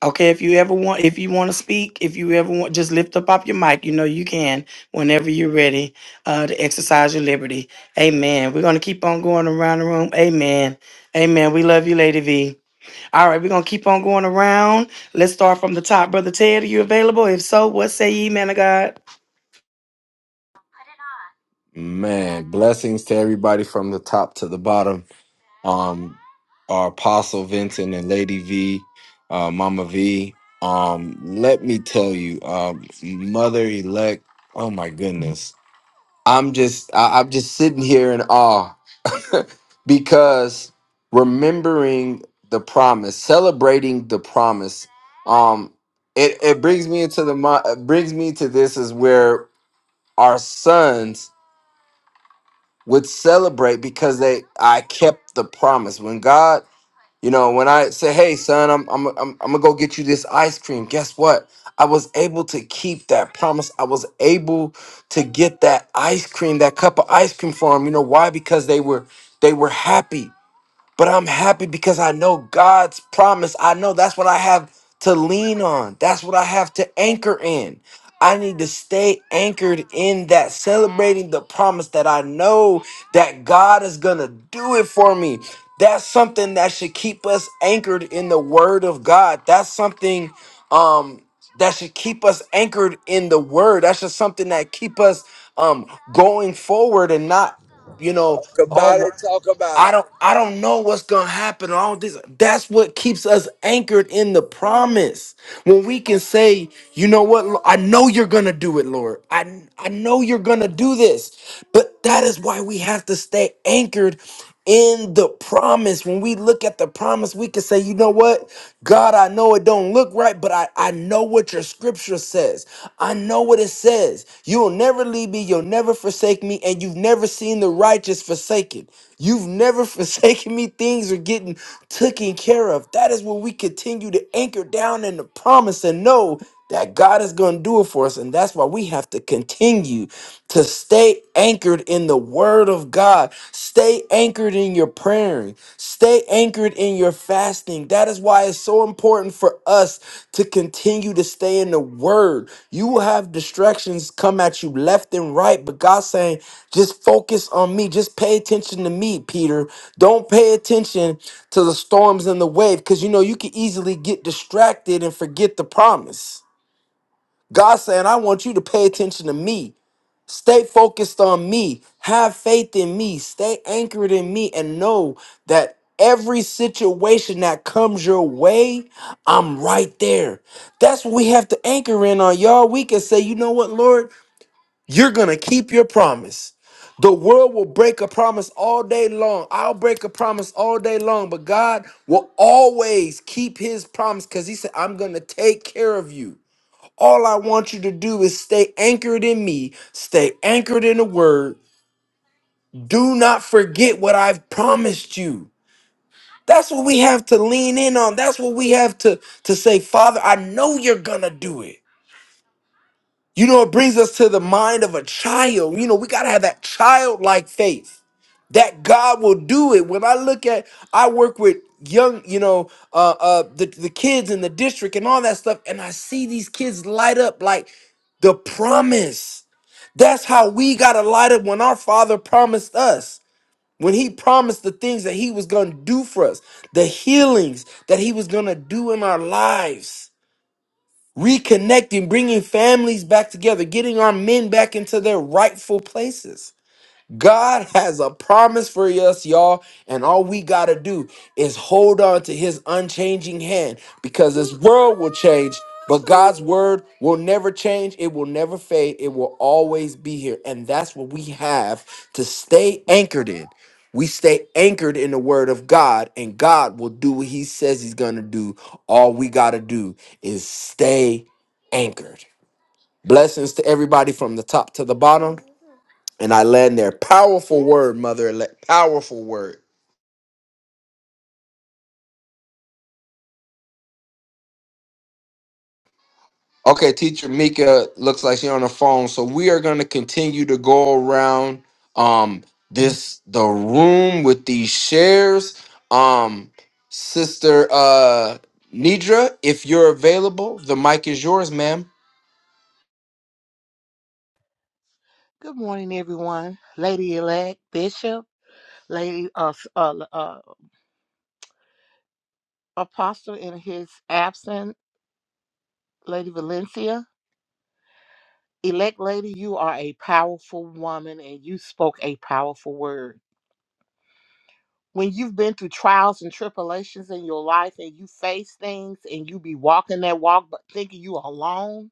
Speaker 2: Okay, if you ever want, if you want to speak, if you ever want, just lift up off your mic. You know you can whenever you're ready uh, to exercise your liberty. Amen. We're gonna keep on going around the room. Amen. Amen. We love you, Lady V. All right, we're gonna keep on going around. Let's start from the top, Brother Ted. Are you available? If so, what say ye, man of God?
Speaker 1: Man, blessings to everybody from the top to the bottom. um, our Apostle Vincent and Lady V, uh, Mama V. Um, let me tell you, uh, Mother Elect. Oh my goodness, I'm just I, I'm just sitting here in awe because remembering the promise, celebrating the promise. Um, it it brings me into the mi- it brings me to this is where our sons would celebrate because they I kept the promise when God you know, when I say, "Hey, son, I'm I'm I'm, I'm gonna go get you this ice cream," guess what? I was able to keep that promise. I was able to get that ice cream, that cup of ice cream for him. You know why? Because they were they were happy. But I'm happy because I know God's promise. I know that's what I have to lean on. That's what I have to anchor in. I need to stay anchored in that, celebrating the promise that I know that God is going to do it for me. That's something that should keep us anchored in the word of God. That's something um that should keep us anchored in the word. That's just something that keep us um going forward and not, you know,
Speaker 5: Talk about
Speaker 1: oh,
Speaker 5: it. Talk about
Speaker 1: I
Speaker 5: it.
Speaker 1: don't I don't know what's gonna happen. All this that's what keeps us anchored in the promise. When we can say, you know what, Lo- I know you're gonna do it, Lord. I I know you're gonna do this. But that is why we have to stay anchored in the promise. When we look at the promise, we can say, you know what, God, I know it don't look right, but I, I know what your scripture says. I know what it says. You'll never leave me, you'll never never forsake me, and you've never seen the righteous forsaken. You've never forsaken me. Things are getting taken care of. That is when we continue to anchor down in the promise and know that God is going to do it for us. And that's why we have to continue to stay anchored in the word of God. Stay anchored in your praying. Stay anchored in your fasting. That is why it's so important for us to continue to stay in the word. You will have distractions come at you left and right, but God's saying, just focus on me. Just pay attention to me, Peter. Don't pay attention to the storms and the wave because you know you can easily get distracted and forget the promise. God's saying, I want you to pay attention to me. Stay focused on me. Have faith in me. Stay anchored in me and know that every situation that comes your way, I'm right there. That's what we have to anchor in on, y'all. We can say, you know what, Lord, you're going to keep your promise. The world will break a promise all day long. I'll break a promise all day long, but God will always keep his promise because he said, I'm going to take care of you. All I want you to do is stay anchored in me, stay anchored in the word. Do not forget what I've promised you. That's what we have to lean in on. That's what we have to, to say, Father, I know you're going to do it. You know, it brings us to the mind of a child. You know, we got to have that childlike faith that God will do it. When I look at, I work with young, you know, uh, uh, the, the kids in the district and all that stuff, and I see these kids light up like the promise. That's how we got to light up when our Father promised us. When he promised the things that he was going to do for us, the healings that he was going to do in our lives, reconnecting, bringing families back together, getting our men back into their rightful places. God has a promise for us, y'all, and all we got to do is hold on to his unchanging hand because this world will change, but God's word will never change. It will never fade. It will always be here. And that's what we have to stay anchored in. We stay anchored in the word of God, and God will do what he says he's going to do. All we got to do is stay anchored. Blessings to everybody from the top to the bottom. And I land there. Powerful word, mother elect. Powerful word. Okay, teacher Mika looks like she's on the phone. So we are gonna continue to go around um this the room with these shares. Um sister uh Nidra, if you're available, the mic is yours, ma'am.
Speaker 6: Good morning, everyone. Lady elect Bishop, Lady uh, uh, uh, Apostle in his absence, Lady Valencia. Elect Lady, you are a powerful woman and you spoke a powerful word. When you've been through trials and tribulations in your life and you face things and you be walking that walk but thinking you are alone,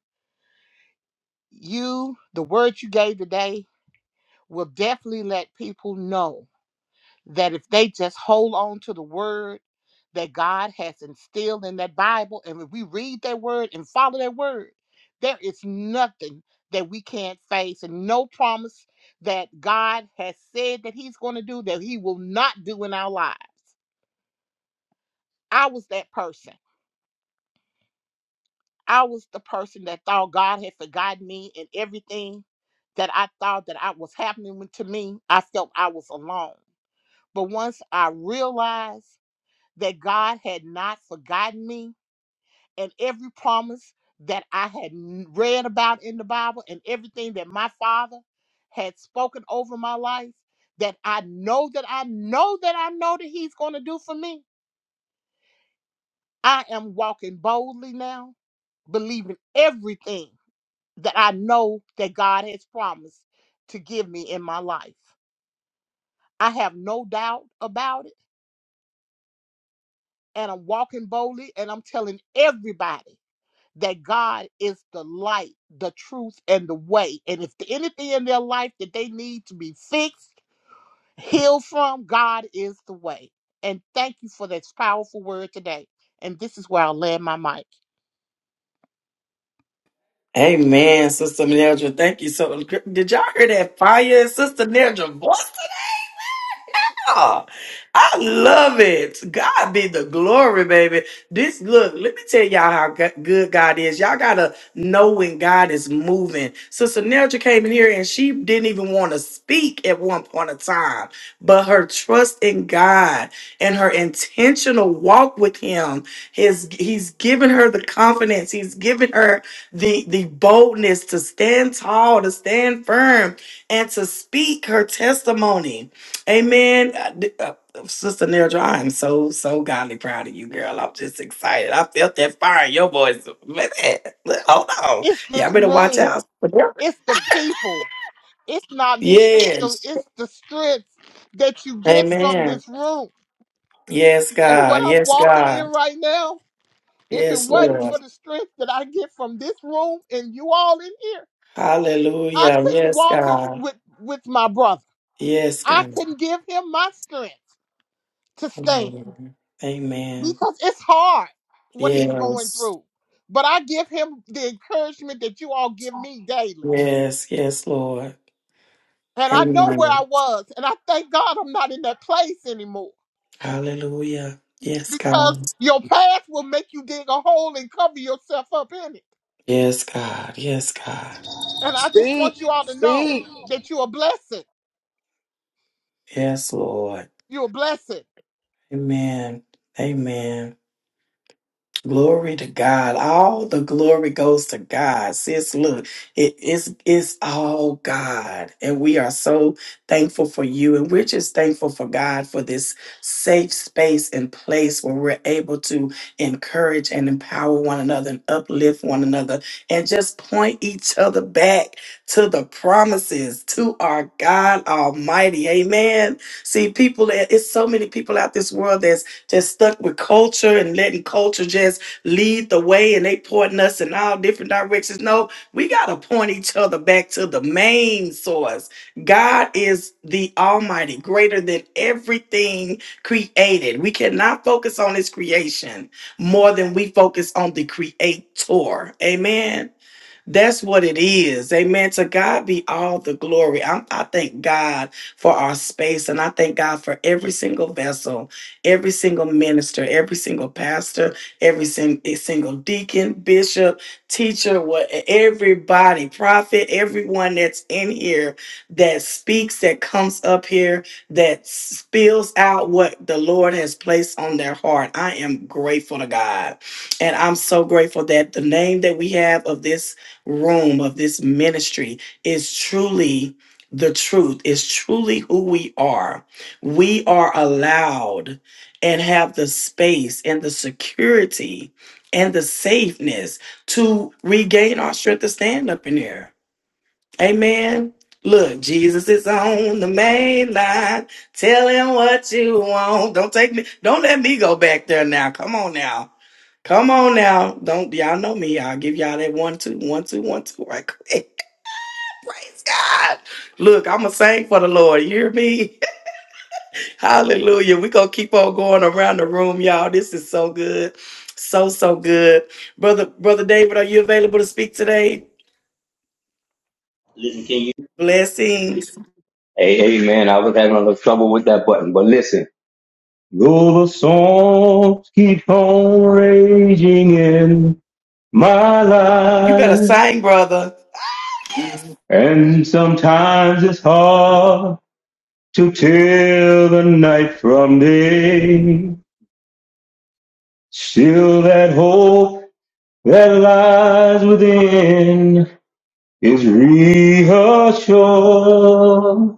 Speaker 6: you, the word you gave today, will definitely let people know that if they just hold on to the word that God has instilled in that Bible, and if we read that word and follow that word, there is nothing that we can't face, and no promise that God has said that He's going to do that He will not do in our lives. I was that person. I was the person that thought God had forgotten me and everything that I thought that I was happening to me. I felt I was alone. But once I realized that God had not forgotten me and every promise that I had n- read about in the Bible and everything that my father had spoken over my life that I know that I know that I know that he's going to do for me. I am walking boldly now, believing everything that I know that God has promised to give me in my life. I have no doubt about it, and I'm walking boldly and I'm telling everybody that God is the light, the truth, and the way. And if anything in their life that they need to be fixed, healed from, God is the way. And thank you for this powerful word today. And this is where I'll land my mic.
Speaker 2: Amen, Sister Nedra. Thank you so. Did y'all hear that fire, in Sister Nedra voice? Ah, I love it. God be the glory, baby. This look, let me tell y'all how go- good God is. Y'all gotta know when God is moving. Sister Nelja came in here and she didn't even want to speak at one point of time, but her trust in God and her intentional walk with Him has He's given her the confidence. He's given her the the boldness to stand tall, to stand firm, and to speak her testimony. Amen. I di- uh, uh, Sister Nerja, I am so, so godly proud of you, girl. I'm just excited. I felt that fire in your voice. Man, look, hold on.
Speaker 6: It's
Speaker 2: Y'all
Speaker 6: this
Speaker 2: better watch
Speaker 6: room.
Speaker 2: out.
Speaker 6: It's the people. It's not me. It's the
Speaker 2: Yes.
Speaker 6: it's the strength that you get from
Speaker 2: Amen.
Speaker 6: this room.
Speaker 2: Yes,
Speaker 6: And what
Speaker 2: God.
Speaker 6: I'm
Speaker 2: Yes,
Speaker 6: walking in
Speaker 2: God.
Speaker 6: right now, if it
Speaker 2: Yes,
Speaker 6: wasn't
Speaker 2: Lord.
Speaker 6: for the strength that I get from this room and you all in here. I
Speaker 2: Hallelujah.
Speaker 6: couldn't
Speaker 2: Yes,
Speaker 6: walk it
Speaker 2: God.
Speaker 6: with with my brother.
Speaker 2: Yes,
Speaker 6: I
Speaker 2: God.
Speaker 6: couldn't give him my strength to stand
Speaker 2: Amen. Amen.
Speaker 6: because it's hard what he's going
Speaker 2: Yes.
Speaker 6: through. But I give him the encouragement that you all give me daily.
Speaker 2: Yes. Yes, Lord.
Speaker 6: And I know where I
Speaker 2: Amen.
Speaker 6: was, and I thank God I'm not in that place anymore
Speaker 2: Hallelujah. Yes, God.
Speaker 6: because your past will make you dig a hole and cover yourself up in it.
Speaker 2: Yes, God. Yes, God.
Speaker 6: And I just
Speaker 3: Speak,
Speaker 6: want you all to know
Speaker 3: speak.
Speaker 6: that you're a blessing.
Speaker 2: Yes, Lord.
Speaker 6: You're a blessing.
Speaker 2: Amen. Amen. Glory to God. All the glory goes to God. Sis, look, it is it's all God. And we are so thankful for you. And we're just thankful for God for this safe space and place where we're able to encourage and empower one another and uplift one another and just point each other back to the promises to our God Almighty. Amen. See, people, it's so many people out this world just stuck with culture and letting culture just lead the way and they pointing us in all different directions. No, we got to point each other back to the main source. God is the Almighty, greater than everything created. We cannot focus on His creation more than we focus on the Creator. Amen. That's what it is. Amen. To God be all the glory. I'm, I thank God for our space and I thank God for every single vessel, every single minister, every single pastor, every sin, eh, single deacon, bishop, teacher, what e-, everybody, prophet, everyone that's in here that speaks, that comes up here, that spills out what the Lord has placed on their heart. I am grateful to God. And I'm so grateful that the name that we have of this room of this ministry is truly the truth, is truly who we are. We are allowed and have the space and the security and the safeness to regain our strength to stand up in here. Amen. Look, Jesus is on the main line. Tell him what you want. Don't take me. Don't let me go back there now. Come on now. Come on now. Don't y'all know me. I'll give y'all that one, two, one, two, one, two right quick. Praise God. Look, I'm going to sing for the Lord. You hear me? Hallelujah. we going to keep on going around the room, y'all. This is so good. So, so good. Brother, Brother David, are you available to speak today? Blessings.
Speaker 7: Hey man, I was having a little trouble with that button, but listen. Though the songs keep on raging in my
Speaker 2: You better
Speaker 7: life,
Speaker 2: sing, brother.
Speaker 7: and sometimes it's hard to tell the night from day. Still, that hope that lies within is reassured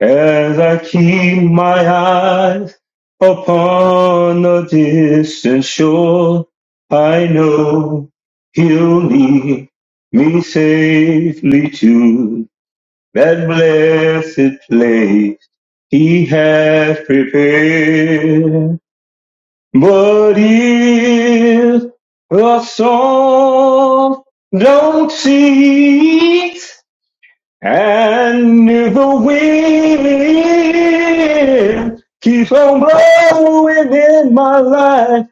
Speaker 7: As I keep my eyes upon the distant shore, I know he'll lead me safely to that blessed place he has prepared. But if the soul don't cease, and if the wind keeps on blowing in my life,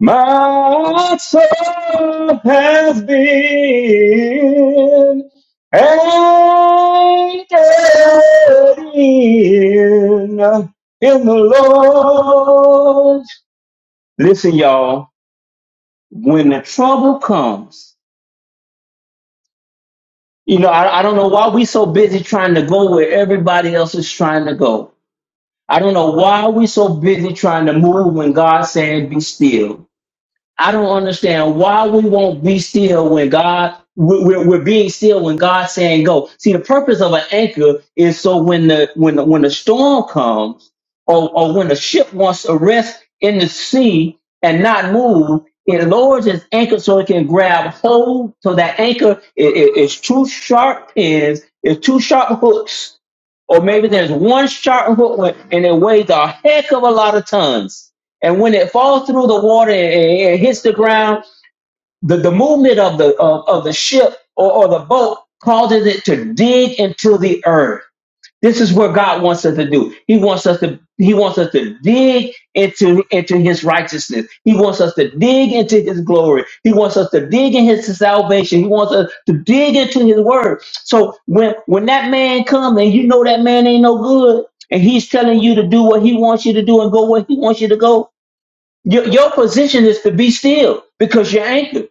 Speaker 7: my soul has been anchored in, in the Lord. Listen, y'all, when the trouble comes, you know, I, I don't know why we so busy trying to go where everybody else is trying to go. I don't know why we so busy trying to move when God said be still. I don't understand why we won't be still when God we- are we're being still when God's saying go. See, the purpose of an anchor is so when the when the, when the storm comes or or when the ship wants to rest in the sea and not move, it lowers its anchor so it can grab hold. So that anchor i- i- is two sharp pins, is two sharp hooks or maybe there's one sharp hook wa- and it weighs a heck of a lot of tons. And when it falls through the water and, and- and hits the ground, the, the movement of the of, of the ship or, or the boat causes it to dig into the earth. This is what God wants us to do. He wants us to He wants us to dig into into His righteousness. He wants us to dig into His glory. He wants us to dig in His salvation. He wants us to dig into His word. So when when that man comes and you know that man ain't no good, and he's telling you to do what he wants you to do and go where he wants you to go, your your position is to be still because you're anchored.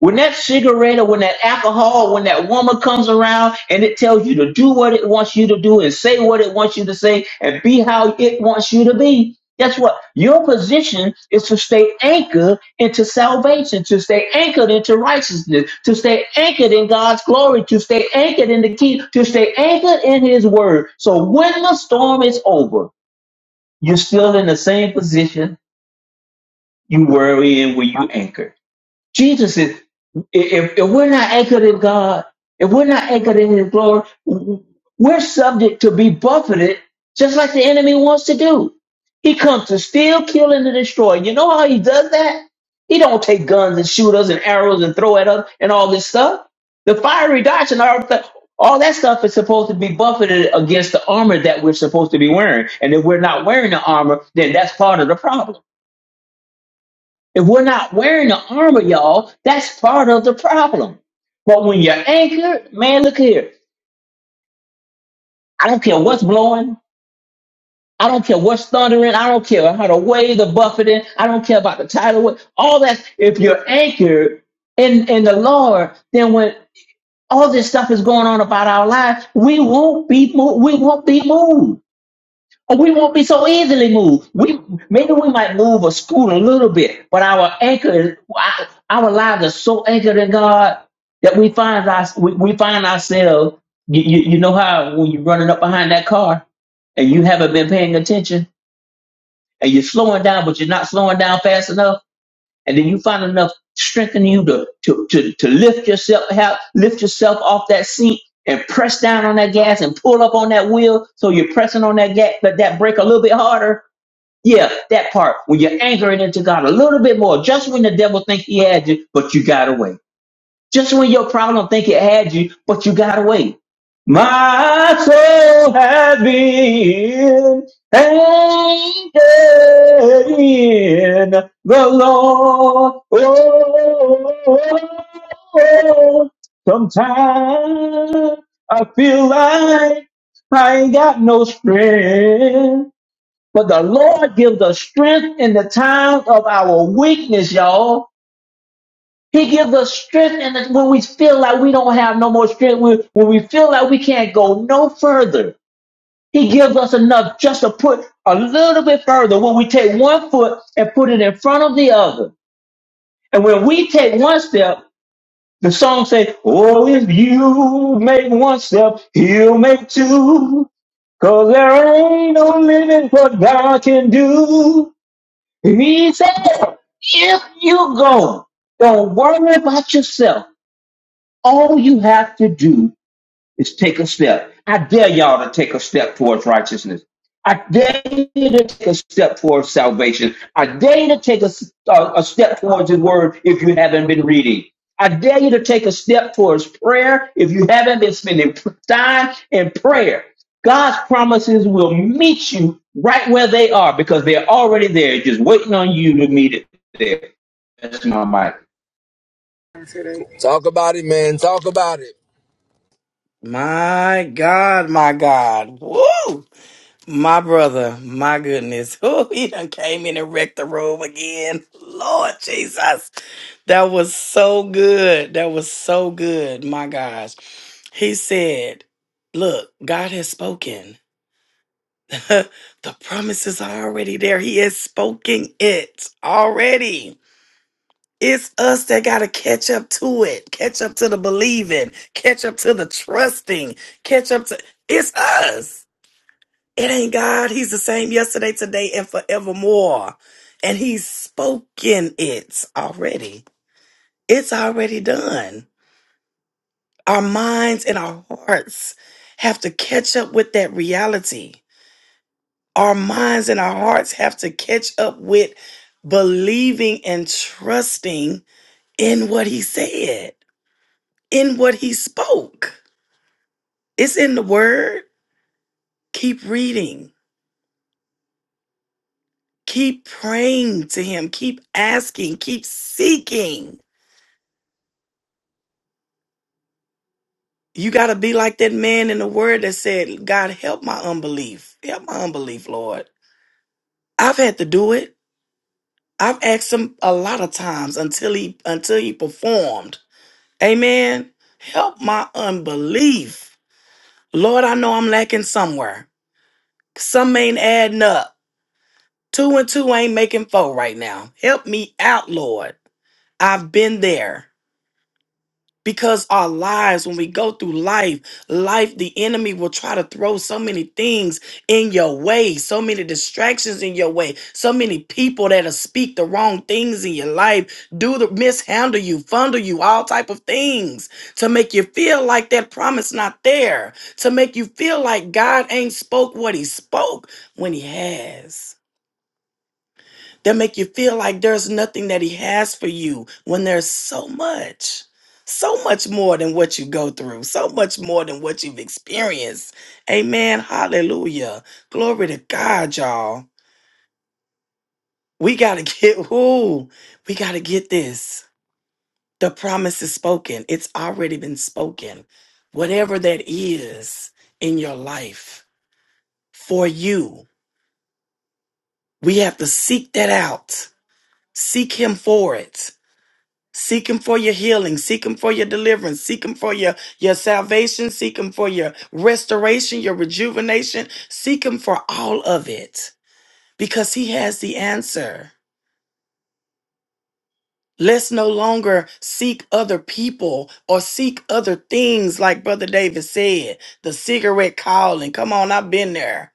Speaker 7: When that cigarette or when that alcohol, when that woman comes around and it tells you to do what it wants you to do and say what it wants you to say and be how it wants you to be, guess what? Your position is to stay anchored into salvation, to stay anchored into righteousness, to stay anchored in God's glory, to stay anchored in the key, to stay anchored in His word. So when the storm is over, you're still in the same position you were in when you anchored. Jesus is, if, if we're not anchored in God, if we're not anchored in His glory, we're subject to be buffeted just like the enemy wants to do. He comes to steal, kill, and to destroy. You know how he does that? He don't take guns and shoot us and arrows and throw at us and all this stuff. The fiery darts and all that, all that stuff is supposed to be buffeted against the armor that we're supposed to be wearing. And if we're not wearing the armor, then that's part of the problem. If we're not wearing the armor, y'all, that's part of the problem. But when you're anchored, man, look here. I don't care what's blowing. I don't care what's thundering. I don't care how the waves are buffeting. I don't care about the tidal wave. All that. If you're anchored in, in the Lord, then when all this stuff is going on about our lives, we won't be moved. We won't be moved. we won't be so easily moved. We maybe we might move or scoot a little bit, but our anchor, is- our our lives are so anchored in God that we find our, we, we find ourselves. You, you you know how when you're running up behind that car and you haven't been paying attention and you're slowing down, but you're not slowing down fast enough, and then you find enough strength in you to to to, to lift yourself help, lift yourself off that seat. And press down on that gas and pull up on that wheel, so you're pressing on that gas, but that brake a little bit harder yeah, that part. When you're anchoring into God a little bit more, just when the devil think he had you, but you got away. Just when your problem think it had you, but you got away. My soul has been anchored in the Lord. Oh, sometimes I feel like I ain't got no strength. But the Lord gives us strength in the times of our weakness, y'all. He gives us strength in the, when we feel like we don't have no more strength, when, when we feel like we can't go no further. He gives us enough just to put a little bit further when we take one foot and put it in front of the other. And when we take one step, the song says, Oh, if you make one step, he'll make two. Cause there ain't no limit what God can do. He said, if you go, don't worry about yourself. All you have to do is take a step. I dare y'all to take a step towards righteousness. I dare you to take a step towards salvation. I dare you to take a, s- a- a step towards His Word if you haven't been reading. I dare you to take a step towards prayer if you haven't been spending p- time in prayer. God's promises will meet you right where they are because they're already there, just waiting on you to meet it there. That's my mind.
Speaker 5: Talk about it, man. Talk about it.
Speaker 2: My God, my God. Woo! My brother, my goodness. Woo, he done came in and wrecked the room again. Lord Jesus. That was so good. That was so good. My gosh. He said, Look, God has spoken. the promises are already there. He has spoken it already. It's us that got to catch up to it, catch up to the believing, catch up to the trusting, catch up to it's us. It ain't God. He's the same yesterday, today, and forevermore. And He's spoken it already. It's already done. Our minds and our hearts have to catch up with that reality. Our minds and our hearts have to catch up with believing and trusting in what He said in what he spoke. It's in the word. Keep reading, keep praying to him, keep asking, keep seeking. You got to be like that man in the word that said, God, help my unbelief. Help my unbelief, Lord. I've had to do it. I've asked him a lot of times until he until he performed. Amen. Help my unbelief. Lord, I know I'm lacking somewhere. Some ain't adding up. Two and two ain't making four right now. Help me out, Lord. I've been there. Because our lives, when we go through life, life, the enemy will try to throw so many things in your way, so many distractions in your way, so many people that'll speak the wrong things in your life, do the mishandle you, fundle you, all type of things to make you feel like that promise not there, to make you feel like God ain't spoke what he spoke when he has that make you feel like there's nothing that he has for you when there's so much so much more than what you go through so much more than what you've experienced amen hallelujah glory to god y'all we gotta get who we gotta get this the promise is spoken it's already been spoken whatever that is in your life for you we have to seek that out seek him for it Seek him for your healing. Seek him for your deliverance. Seek him for your, your salvation. Seek him for your restoration, your rejuvenation. Seek him for all of it because he has the answer. Let's no longer seek other people or seek other things, like Brother David said. The cigarette calling. Come on, I've been there.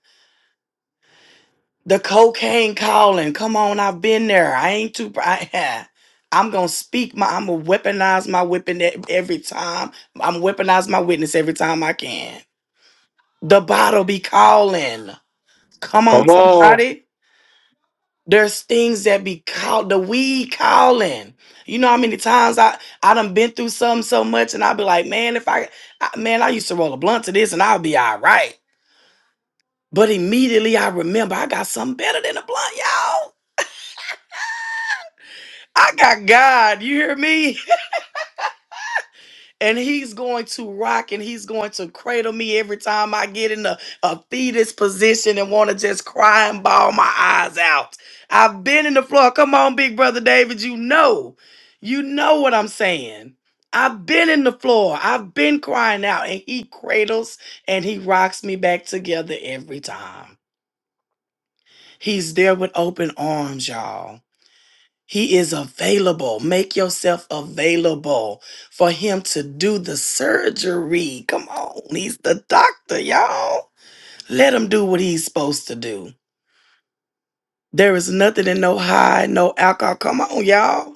Speaker 2: The cocaine calling. Come on, I've been there. I ain't too. I, I'm gonna speak my. I'm gonna weaponize my weapon e- every time. I'm weaponize my witness every time I can. The bottle be calling. Come on,
Speaker 1: Come on.
Speaker 2: somebody. There's things that be called the weed calling. You know how many times I I done been through something so much, and I be like, man, if I, I man, I used to roll a blunt to this, and I'll be all right. But immediately I remember I got something better than a blunt, y'all. I got God, you hear me? And he's going to rock and he's going to cradle me every time I get in a, a fetus position and want to just cry and bawl my eyes out. I've been in the floor. Come on, big brother David, you know. You know what I'm saying. I've been in the floor. I've been crying out and he cradles and he rocks me back together every time. He's there with open arms, y'all. He is available. Make yourself available for him to do the surgery. Come on. He's the doctor, y'all. Let him do what he's supposed to do. There is nothing in no high, no alcohol. Come on, y'all.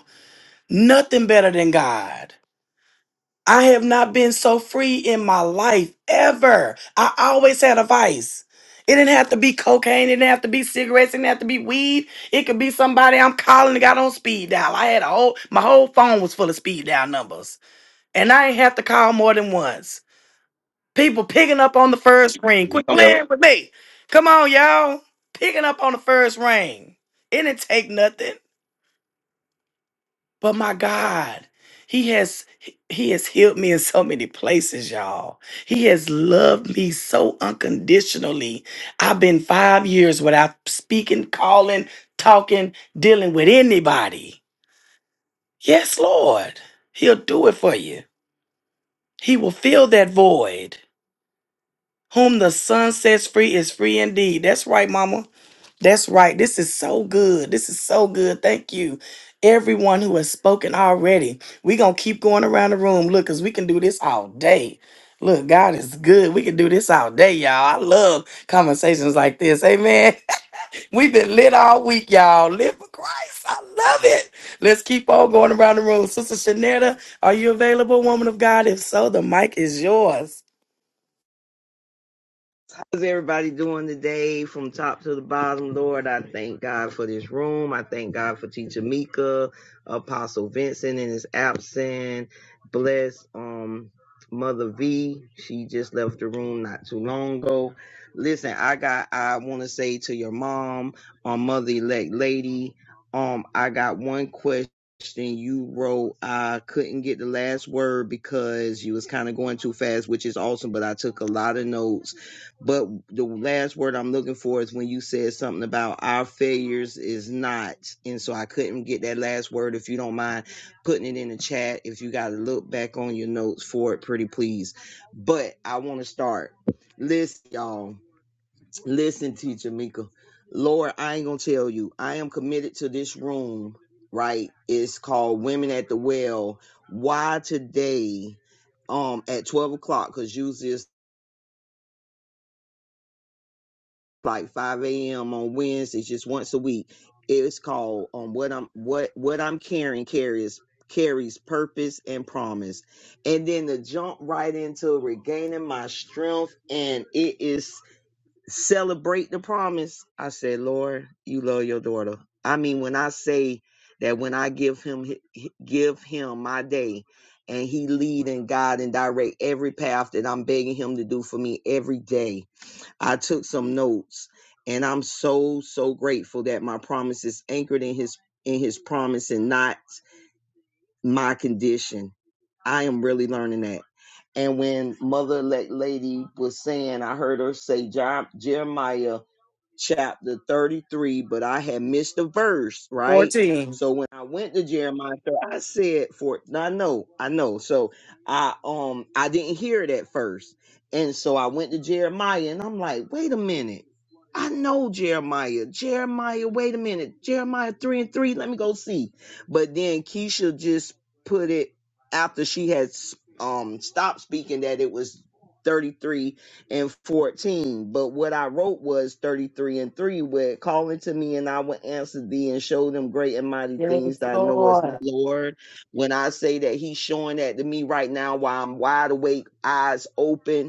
Speaker 2: Nothing better than God. I have not been so free in my life ever. I always had a vice. It didn't have to be cocaine. It didn't have to be cigarettes. It didn't have to be weed. It could be somebody I'm calling that got on speed dial. I had a whole, my whole phone was full of speed dial numbers. And I didn't have to call more than once. People picking up on the first ring. Quit playing with me. Come on, y'all. Picking up on the first ring. It didn't take nothing. But my God, he has he has healed me in so many places, y'all. He has loved me so unconditionally. I've been 5 years without speaking, calling, talking, dealing with anybody. Yes, Lord. He'll do it for you. He will fill that void. Whom the Son sets free is free indeed. That's right, mama. That's right. This is so good. This is so good. Thank you, everyone who has spoken already. We're going to keep going around the room. Look, because we can do this all day. Look, God is good. We can do this all day, y'all. I love conversations like this. Amen. We've been lit all week, y'all. Live for Christ. I love it. Let's keep on going around the room. Sister Shanetta, are you available, woman of God? If so, the mic is yours.
Speaker 8: How's everybody doing today from top to the bottom, Lord? I thank God for this room. I thank God for Teacher Mika, Apostle Vincent in his absence. Bless um Mother V. She just left the room not too long ago. Listen, I got I wanna say to your mom, um mother elect lady, um, I got one question you wrote. I couldn't get the last word because you was kind of going too fast, which is awesome, but I took a lot of notes but the last word I'm looking for is when you said something about our failures is not. And so I couldn't get that last word. If you don't mind putting it in the chat, if you got to look back on your notes for it, pretty please. But I want to start. Listen, y'all. Listen, teacher Mika. Lord, I ain't going to tell you. I am committed to this room, right? It's called Women at the Well. Why today? um at 12 o'clock because usually it's like 5 a.m. on Wednesdays, just once a week. It's called um, what I'm what what I'm carrying carries carries purpose and promise. And then to jump right into regaining my strength and it is celebrate the promise. I said, Lord, you love your daughter. I mean, when I say that when I give him hi- hi- give him my day and he lead and guide and direct every path that I'm begging him to do for me every day I took some notes and I'm so so grateful that my promise is anchored in his in his promise and not my condition. I am really learning that. And when mother elect lady was saying, I heard her say "Jer- Jeremiah chapter 33, but I had missed a verse, right?
Speaker 2: 14.
Speaker 8: So when I went to Jeremiah, 30, I said for I know, I know. So I um I didn't hear it at first. And so I went to Jeremiah and I'm like, wait a minute. I know Jeremiah. Jeremiah, wait a minute. Jeremiah 3 and 3, let me go see. But then Keisha just put it after she had s- um stopped speaking that it was 33 and 14. But what I wrote was 33 and 3, where call into me and I will answer thee and show them great and mighty
Speaker 2: Yes,
Speaker 8: things that I know is
Speaker 2: Lord.
Speaker 8: not Lord. When I say that he's showing that to me right now while I'm wide awake, eyes open,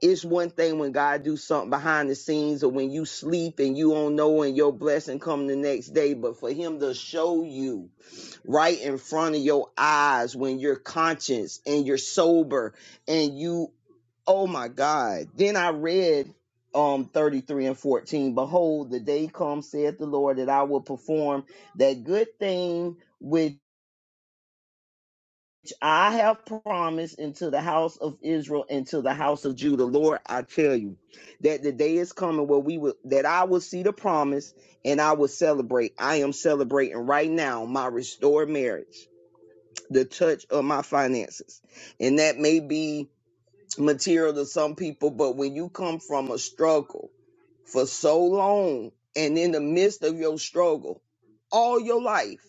Speaker 8: it's one thing when God do something behind the scenes or when you sleep and you don't know and your blessing come the next day, but for him to show you right in front of your eyes when you're conscious and you're sober and you oh my God. Then I read um 33 and 14. Behold, the day comes, saith the Lord, that I will perform that good thing which. I have promised into the house of Israel and to the house of Judah, Lord, I tell you that the day is coming where we will that I will see the promise and I will celebrate. I am celebrating right now my restored marriage, the touch of my finances. And that may be material to some people, but when you come from a struggle for so long and in the midst of your struggle all your life,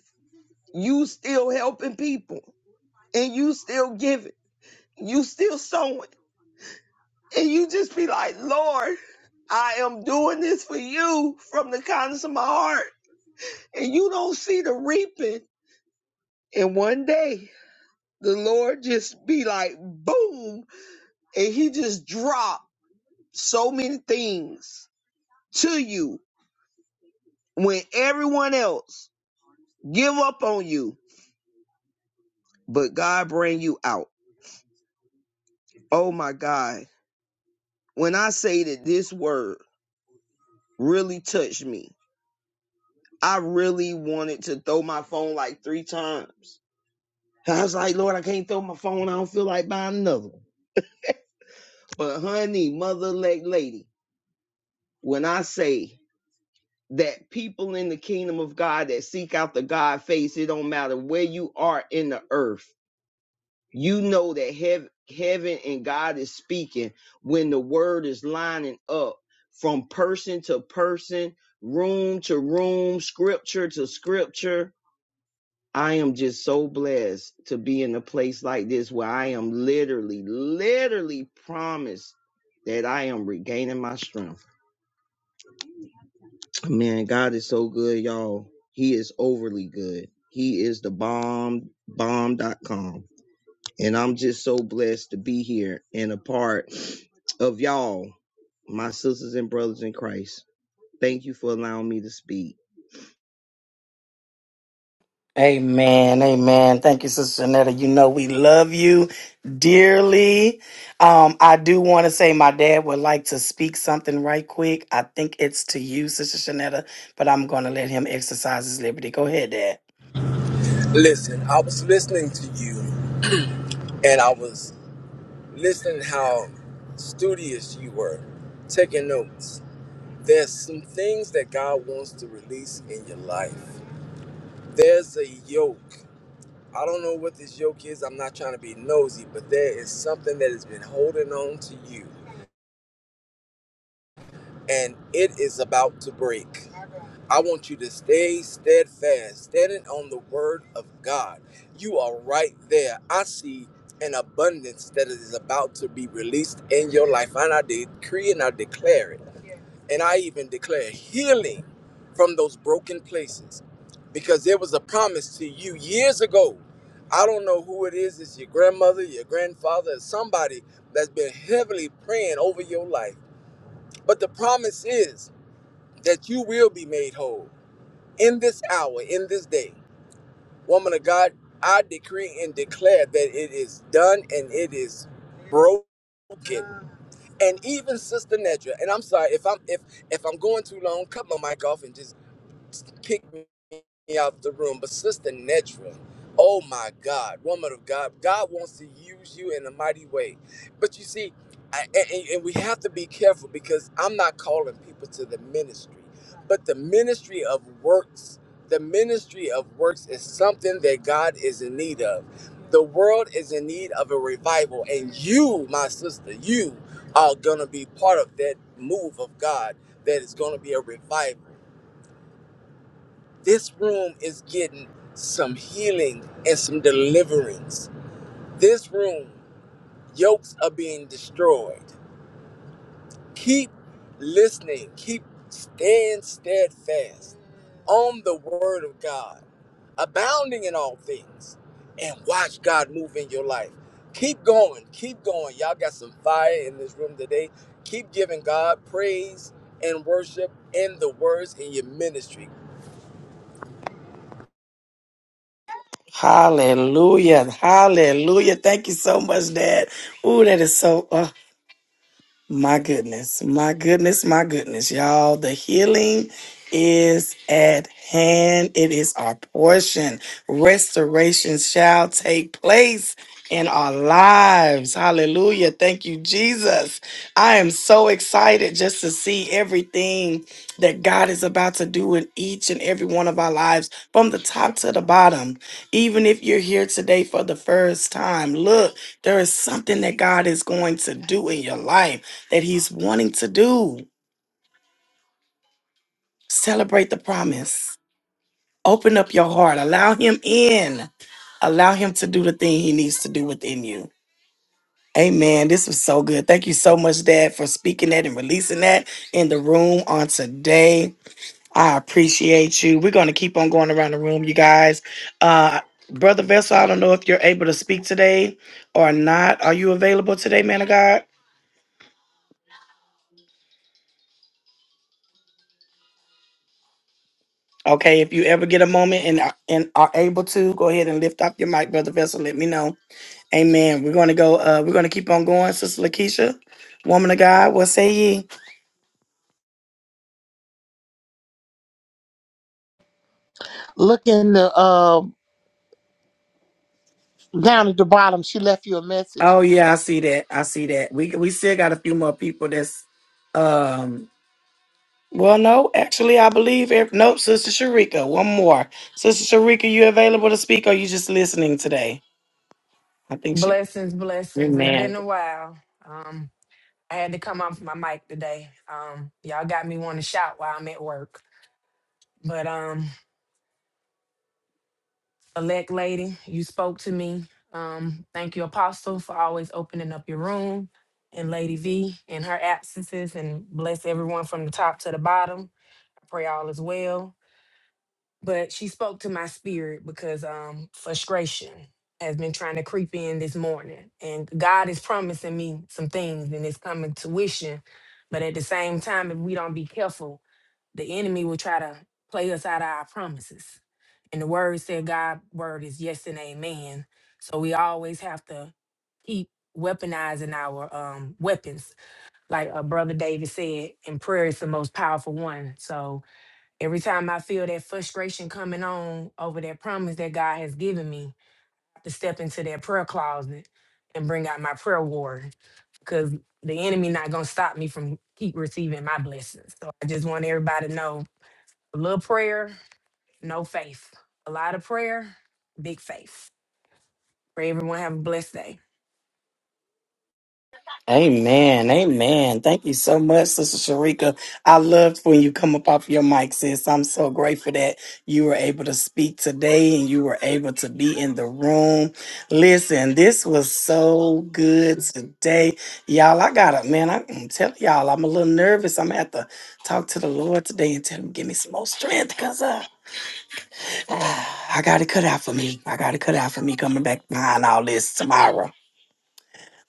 Speaker 8: you still helping people and you still giving you still sowing. And you just be like, Lord, I am doing this for you from the kindness of my heart. And you don't see the reaping. And one day the Lord just be like, boom. And he just drop so many things to you when everyone else give up on you. But God bring you out. Oh my God. When I say that this word really touched me I really wanted to throw my phone like three times. I was like, Lord, I can't throw my phone. I don't feel like buying another one. But honey, mother elect lady, when I say that people in the kingdom of God that seek out the God face, it don't matter where you are in the earth. You know that heaven, heaven and God is speaking when the word is lining up from person to person, room to room, scripture to scripture I am just so blessed to be in a place like this where I am literally, literally promised that I am regaining my strength. Man, God is so good, y'all. He is overly good. He is the bomb, bomb. dot com, And I'm just so blessed to be here and a part of y'all, my sisters and brothers in Christ. Thank you for allowing me to speak.
Speaker 2: Amen. Amen. Thank you, Sister Janetta. You know we love you dearly. Um, I do want to say my dad would like to speak something right quick. I think it's to you, Sister Janetta, but I'm going to let him exercise his liberty. Go ahead, Dad.
Speaker 5: Listen, I was listening to you and I was listening how studious you were, taking notes. There's some things that God wants to release in your life. There's a yoke. I don't know what this yoke is. I'm not trying to be nosy, but there is something that has been holding on to you, and it is about to break. I want you to stay steadfast, standing on the word of God. You are right there. I see an abundance that is about to be released in your life, and I decree and I declare it. and I even declare healing from those broken places because there was a promise to you years ago. I don't know who it is, it's your grandmother, your grandfather, or somebody that's been heavily praying over your life. But the promise is that you will be made whole in this hour, in this day. Woman of God, I decree and declare that it is done and it is broken. And even Sister Nedra, and I'm sorry if I'm if if I'm going too long, cut my mic off and just kick me out the room. But Sister Netra, oh my God, woman of God, God wants to use you in a mighty way. But you see, I, and and we have to be careful because I'm not calling people to the ministry. But the ministry of works, the ministry of works is something that God is in need of. The world is in need of a revival, and you, my sister, you are going to be part of that move of God that is going to be a revival. This room is getting some healing and some deliverance. This room, yokes are being destroyed. Keep listening, keep stand steadfast on the word of God abounding in all things, and watch God move in your life. Keep going, keep going. Y'all got some fire in this room today. Keep giving God praise and worship in the words in your ministry.
Speaker 2: Hallelujah. Hallelujah. Thank you so much, Dad. Ooh, that is so. My goodness, my goodness, my goodness, y'all. The healing is at hand, it is our portion. Restoration shall take place in our lives. Hallelujah. Thank you, Jesus. I am so excited excited just to see everything that God is about to do in each and every one of our lives from the top to the bottom. Even if you're here today for the first time, look, there is something that God is going to do in your life that He's wanting to do. Celebrate the promise. Open up your heart. Allow Him in. Allow Him to do the thing He needs to do within you. Amen. This was so good. Thank you so much, Dad, for speaking that and releasing that in the room on today. I appreciate you. We're going to keep on going around the room, you guys. Uh, Brother Vessel, I don't know if you're able to speak today or not. Are you available today, man of God? Okay, if you ever get a moment and are- and are able to, go ahead and lift up your mic, Brother Vessel. Let me know. Amen. We're going to go. Uh, we're going to keep on going, Sister Lakeisha, woman of God. What say ye?
Speaker 6: Look in the uh, down at the bottom. She left you a message.
Speaker 2: Oh yeah, I see that. I see that. We we still got a few more people that's um Well, no, actually, I believe. If, nope, Sister Sharika, one more. Sister Sharika, you available to speak or you just listening today? I think she.
Speaker 9: Blessings, blessings. It's
Speaker 2: Amen.
Speaker 9: been a while. Um, I had to come off my mic today. Um, y'all got me want to shout while I'm at work. But um, elect lady, you spoke to me. Um, thank you, Apostle, for always opening up your room, and Lady V in her absences, and bless everyone from the top to the bottom. I pray all is well. but she spoke to my spirit because um frustration has been trying to creep in this morning and god is promising me some things and it's coming to fruition but at the same time if we don't be careful the enemy will try to play us out of our promises and the word said god word is yes and amen so we always have to keep weaponizing our um weapons like uh, brother david said and prayer is the most powerful one so Every time I feel that frustration coming on over that promise that God has given me, to step into that prayer closet and bring out my prayer warrior, because the enemy not gonna stop me from keep receiving my blessings. So I just want everybody to know: a little prayer, no faith; a lot of prayer, big faith. Pray everyone have a blessed day.
Speaker 2: Amen. Amen. Thank you so much, Sister Sharika. I loved when you come up off your mic, sis. I'm so grateful that you were able to speak today and you were able to be in the room. Listen, this was so good today. Y'all, I got to man. I, am telling y'all, I'm a little nervous. I'm going to have to talk to the Lord today and tell him, give me some more strength because uh, ah, I got it cut out for me. I got it cut out for me coming back behind all this tomorrow.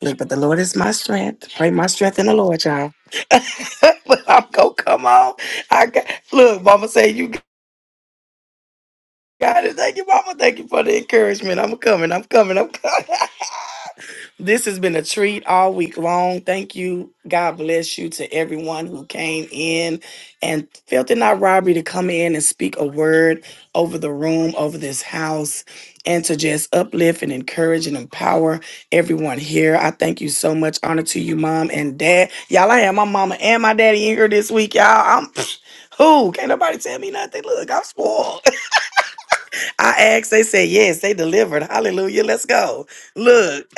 Speaker 2: Look, but the Lord is my strength. Pray my strength in the Lord, y'all. but I'm gonna come on. I got look, mama say you got it. Thank you, mama. Thank you for the encouragement. I'm coming, I'm coming, I'm coming. this has been a treat all week long. Thank you. God bless you to everyone who came in and felt it not robbery to come in and speak a word over the room, over this house, and to just uplift and encourage and empower everyone here. I thank you so much. Honor to you, mom and dad. Y'all, I had my mama and my daddy in here this week, y'all. I'm who? Can't nobody tell me nothing. Look, I'm spoiled. I asked, they said yes, they delivered. Hallelujah. Let's go. Look,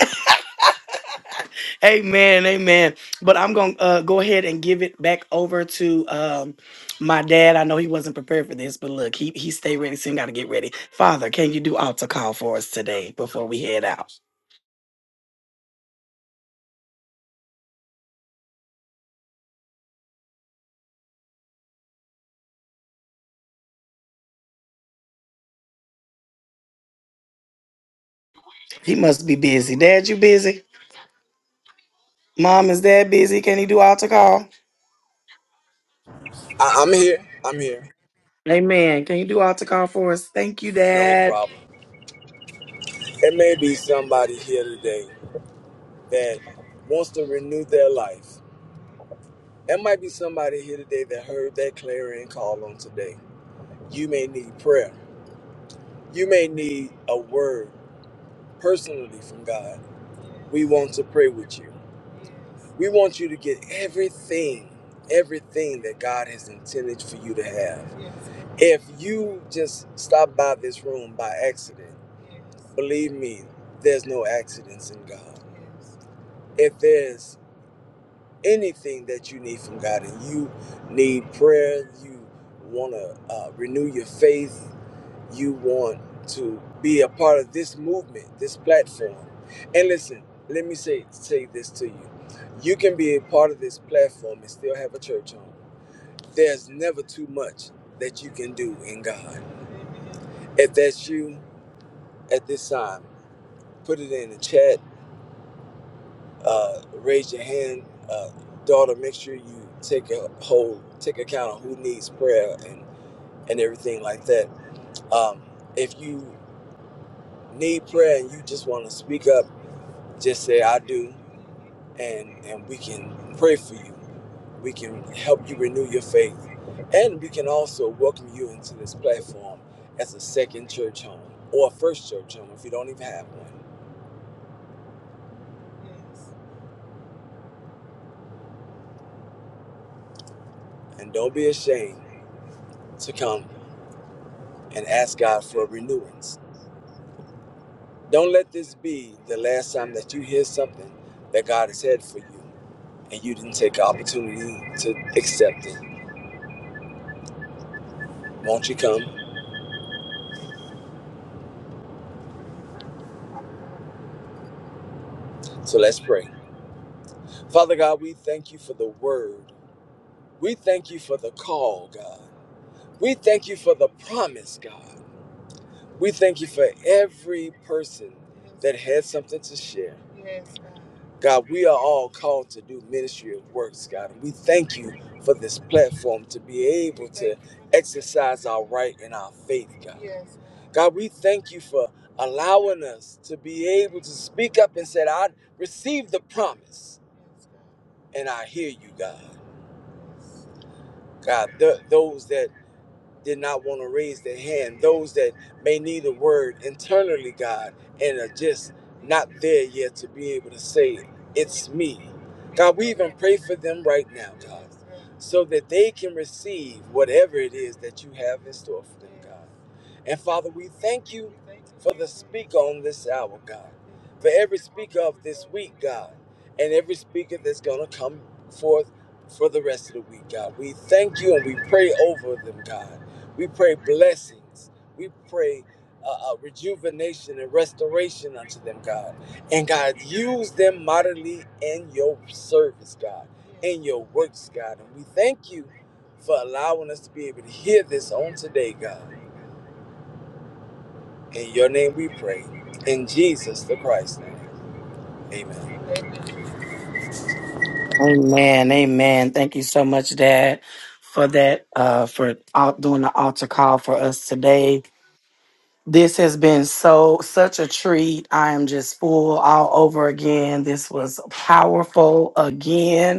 Speaker 2: amen, amen. But I'm gonna uh, go ahead and give it back over to um my dad. I know he wasn't prepared for this, but look, he he stay ready, so he gotta get ready. Father, can you do altar call for us today before we head out? He must be busy. Dad, you busy? Mom, is dad busy? Can he do altar call?
Speaker 5: I- I'm here. I'm here.
Speaker 2: Amen. Can you do altar call for us? Thank you,
Speaker 5: No
Speaker 2: Dad.
Speaker 5: problem. It may be somebody here today that wants to renew their life. There might be somebody here today that heard that clarion call on today. You may need prayer. You may need a word personally from God. We want to pray with you. We want you to get everything, everything that God has intended for you to have. If you just stop by this room by accident, believe me, there's no accidents in God. If there's anything that you need from God and you need prayer, you want to uh, renew your faith, you want to be a part of this movement, this platform. And listen, let me say say this to you. You can be a part of this platform and still have a church home. There's never too much that you can do in God. If that's you at this time, put it in the chat, uh, raise your hand. Uh, daughter, make sure you take a hold, take account of who needs prayer and, and everything like that. Um, if you need prayer and you just want to speak up, Just say I do, and and we can pray for you. We can help you renew your faith, and we can also welcome you into this platform as a second church home or a first church home if you don't even have one. And don't be ashamed to come and ask God for renewance. Don't let this be the last time that you hear something that God has had for you and you didn't take the opportunity to accept it. Won't you come? So let's pray. Father God, we thank you for the word We thank you for the call, God. We thank you for the promise, God. We thank you for every person that had something to share. God, we are all called to do ministry of works, God. And we thank you for this platform to be able to exercise our right and our faith, God. Yes. God, we thank you for allowing us to be able to speak up and said, I received the promise and I hear you, God. God, th- those that did not want to raise their hand. Those that may need a word internally, God, and are just not there yet to be able to say, It's me. God, we even pray for them right now, God, so that they can receive whatever it is that you have in store for them, God. And Father, we thank you for the speaker on this hour, God for every speaker of this week, God, and every speaker that's going to come forth for the rest of the week, God. We thank you and we pray over them, God. We pray blessings. We pray uh, uh, rejuvenation and restoration unto them, God. And God, use them mightily in your service, God, in your works, God. And we thank you for allowing us to be able to hear this on today, God. In your name we pray. In Jesus the Christ's name. Amen.
Speaker 2: Amen. Amen. Thank you so much, Dad, for that, uh, for out doing the altar call for us today. This has been so such a treat. I am just full all over again. This was powerful again.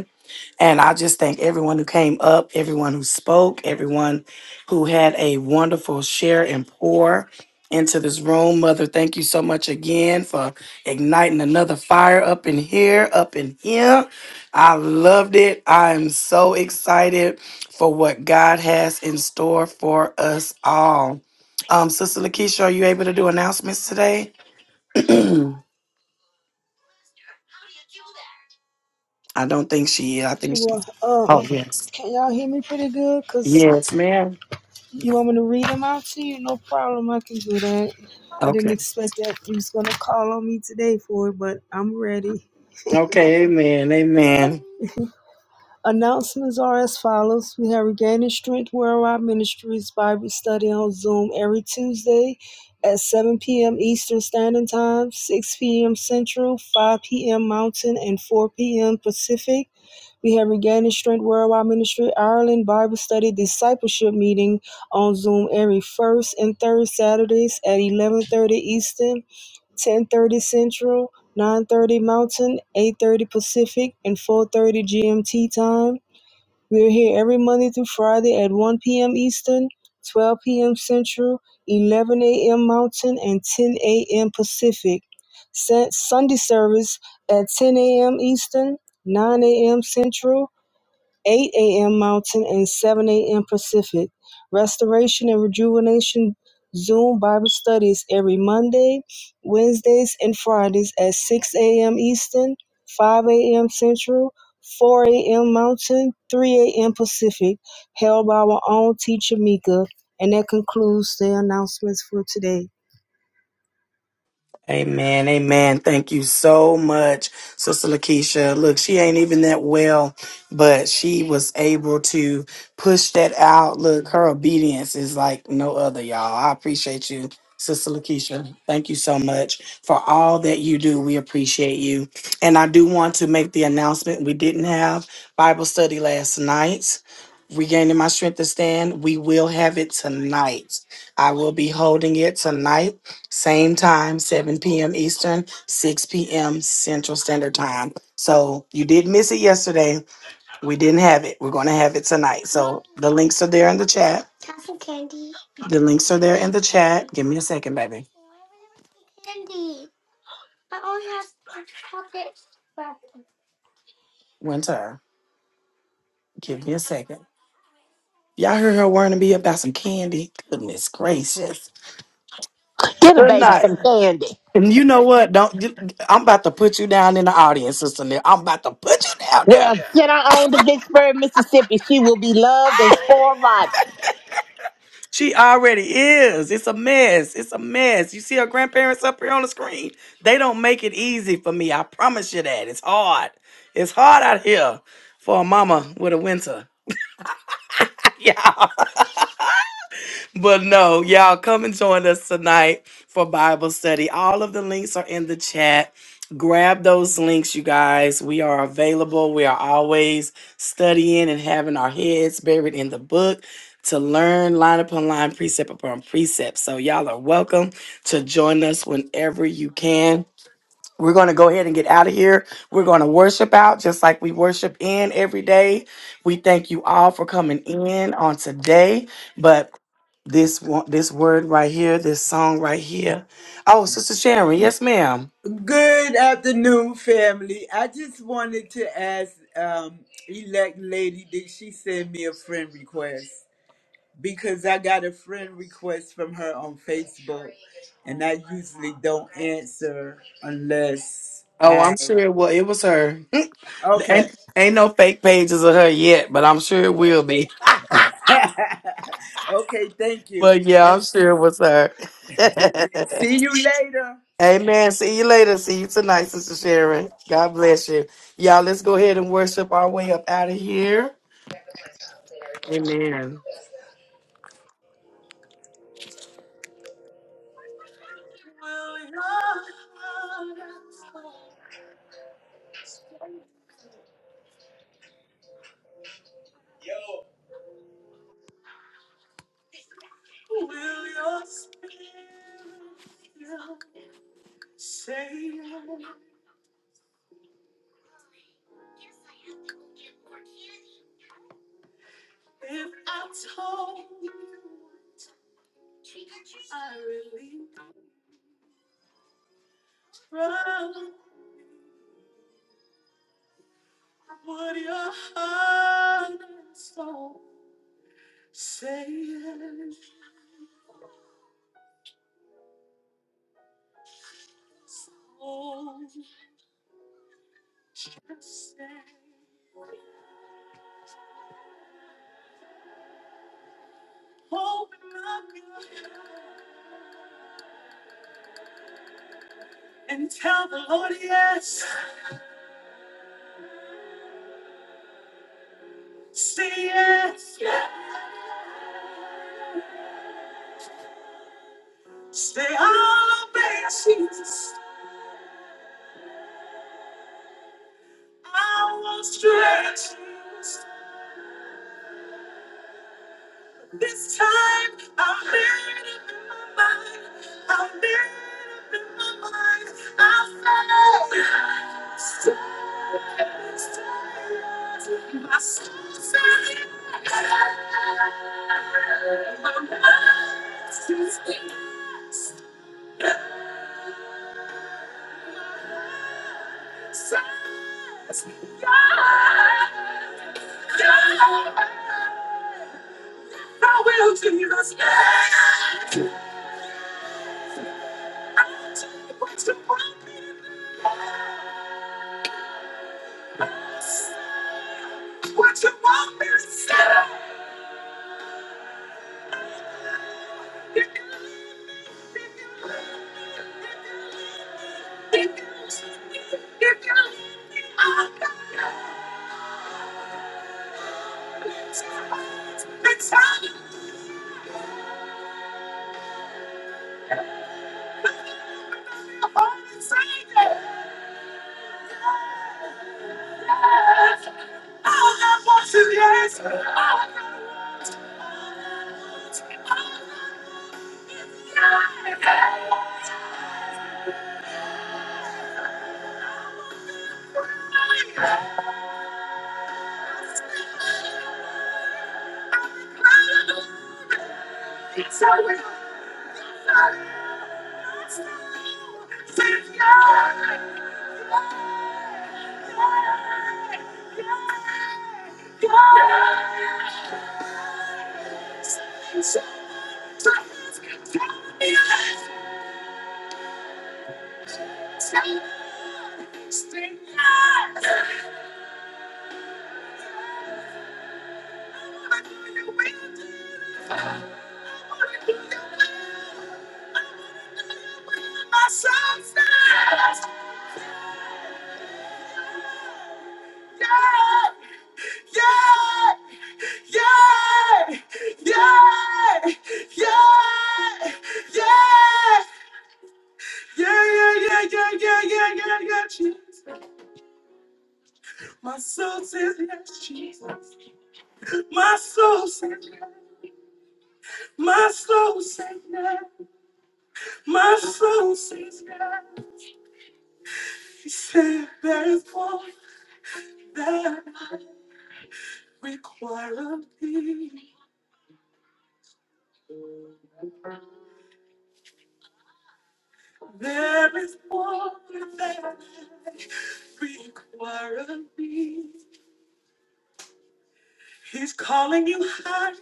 Speaker 2: And I just thank everyone who came up, everyone who spoke, everyone who had a wonderful share and pour into this room. Mother, thank you so much again for igniting another fire up in here, up in here. I loved it. I am so excited for what God has in store for us all. Um, Sister Lakeisha, are you able to do announcements today? I don't think she is. I think
Speaker 10: Well,
Speaker 2: she's.
Speaker 10: um,
Speaker 2: Oh, yes.
Speaker 10: can y'all hear me pretty good? Cause
Speaker 2: Yes, ma'am.
Speaker 10: you want me to read them out to you? No problem, I can do that. I didn't
Speaker 2: Okay.
Speaker 10: expect that you was gonna call on me today for it, but I'm ready.
Speaker 2: Okay, amen, amen.
Speaker 10: Announcements are as follows: We have regaining strength worldwide ministries Bible study on Zoom every Tuesday at 7 p.m. Eastern Standard Time, 6 p.m. Central, 5 p.m. Mountain, and 4 p.m. Pacific. We have Regaining Strength Worldwide Ministry Ireland Bible Study Discipleship Meeting on Zoom every first and third Saturdays at 11:30 Eastern, 10:30 Central, 9:30 Mountain, 8:30 Pacific, and 4:30 GMT time. We are here every Monday through Friday at 1 p.m. Eastern, 12 p.m. Central, 11 a.m. Mountain, and 10 a.m. Pacific. Sunday service at 10 a.m. Eastern, 9 a.m. Central. 8 a.m. Mountain and 7 a.m. Pacific. Restoration and Rejuvenation Zoom Bible studies every Monday, Wednesdays, and Fridays at 6 a.m. Eastern, 5 a.m. Central, 4 a.m. Mountain, 3 a.m. Pacific, held by our own teacher Mika. And that concludes the announcements for today.
Speaker 2: Amen. Amen. Thank you so much, Sister Lakeisha. Look, she ain't even that well, but she was able to push that out. Look, her obedience is like no other, y'all. I appreciate you, Sister Lakeisha. Thank you so much for all that you do. We appreciate you. And I do want to make the announcement we didn't have Bible study last night. Regaining my strength to stand, we will have it tonight. I will be holding it tonight same time, 7 p.m. Eastern, 6 p.m. Central Standard Time. So you did miss it yesterday. We didn't have it. We're going to have it tonight. So the links are there in the chat. The links are there in the chat. Give me a second, baby. Winter, give me a second. Y'all heard her warning me about some candy. Goodness gracious.
Speaker 6: Get a
Speaker 2: Good
Speaker 6: baby
Speaker 2: night.
Speaker 6: some candy.
Speaker 2: And you know what? Don't I'm about to put you down in the audience, sister. Nell. I'm about to put you down
Speaker 6: Well, Yeah. send her on to Vicksburg, Mississippi. She will be loved and spoiled right.
Speaker 2: She already is. It's a mess. It's a mess. You see her grandparents up here on the screen. They don't make it easy for me. I promise you that. It's hard. It's hard out here for a mama with a winter. Yeah but no, y'all come and join us tonight for Bible study. All of the links are in the chat. Grab those links, you guys. We are available. We are always studying and having our heads buried in the book to learn line upon line, precept upon precept. So, y'all are welcome to join us whenever you can. We're going to go ahead and get out of here. We're going to worship out just like we worship in every day. We thank you all for coming in on today. But this one, this word right here, this song right here. Oh, Sister Sharon, yes, ma'am.
Speaker 11: Good afternoon, family. I just wanted to ask um, elect lady, did she send me a friend request? Because I got a friend request from her on Facebook, and I usually don't answer unless
Speaker 2: Oh,
Speaker 11: I.
Speaker 2: I'm sure it was. It was her.
Speaker 11: Okay.
Speaker 2: ain't, ain't no fake pages of her yet, but I'm sure it will be.
Speaker 11: okay, thank you.
Speaker 2: But yeah,
Speaker 11: And
Speaker 2: I'm sure it was her.
Speaker 11: see you later.
Speaker 2: Amen. See you later. See you tonight, Sister Sharon. God bless you. Y'all, let's go ahead and worship our way up out of here. Amen. Say, say there is one that requires me. There is one that requires me. He's calling you higher.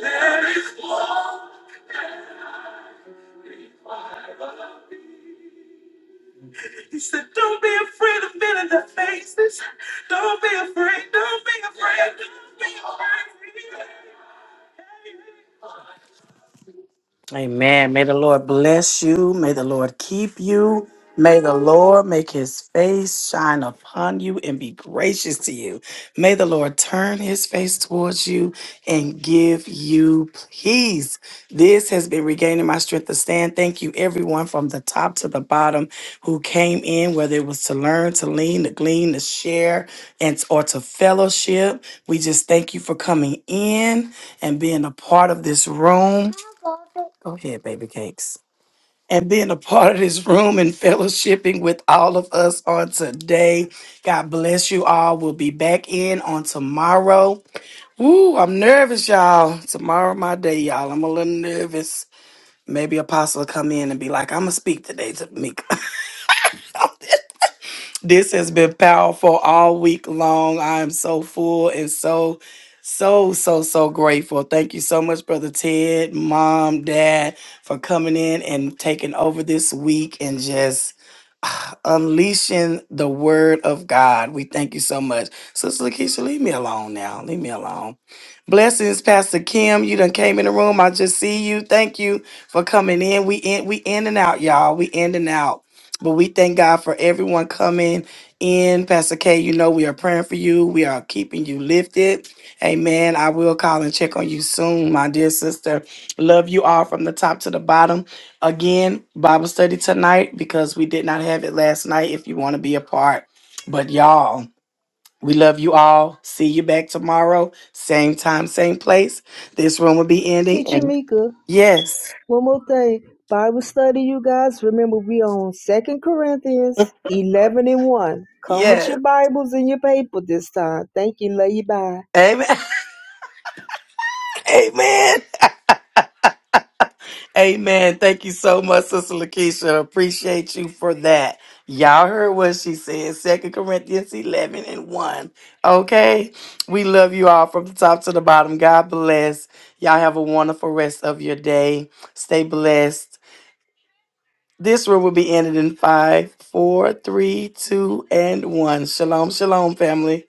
Speaker 2: There is one. He said, Don't be afraid of men in the faces. Don't be afraid. Don't be afraid. Don't be afraid. Amen. May the Lord bless you. May the Lord keep you. May the Lord make his face shine upon you and be gracious to you. May the Lord turn his face towards you and give you peace. This has been regaining my strength to stand. Thank you, everyone, from the top to the bottom who came in, whether it was to learn, to lean, to glean, to share, and or to fellowship. We just thank you for coming in and being a part of this room. Go ahead, baby cakes. And being a part of this room and fellowshipping with all of us on today. God bless you all. We'll be back in on tomorrow. Woo, I'm nervous, y'all. Tomorrow my day, y'all. I'm a little nervous. Maybe Apostle will come in and be like, I'm gonna speak today to Mika. This has been powerful all week long. I am so full and so, so, so, so grateful. Thank you so much, Brother Ted, Mom, Dad, for coming in and taking over this week and just unleashing the word of God. We thank you so much. Sister Lakeisha, leave me alone now. Leave me alone. Blessings, Pastor Kim. You done came in the room. I just see you. Thank you for coming in. We in we in and out, y'all. We in and out. But we thank God for everyone coming in. Pastor K, you know we are praying for you. We are keeping you lifted. Amen. I will call and check on you soon, my dear sister. Love you all from the top to the bottom again Bible study tonight because we did not have it last night if you want to be a part. But y'all, we love you all. See you back tomorrow, same time, same place. This room will be ending.
Speaker 10: Teacher
Speaker 2: And
Speaker 10: Mika.
Speaker 2: yes,
Speaker 10: One more thing, Bible study, you guys. Remember, we on Second Corinthians eleven and one. Come with
Speaker 2: yes.
Speaker 10: your Bibles and your paper this time. Thank you. Love you. Bye.
Speaker 2: Amen. Amen. Amen. Thank you so much, Sister Lakeisha. Appreciate you for that. Y'all heard what she said. Second Corinthians 11 and 1. Okay. We love you all from the top to the bottom. God bless. Y'all have a wonderful rest of your day. Stay blessed. This room will be ended in five, four, three, two, and one. Shalom, shalom, family.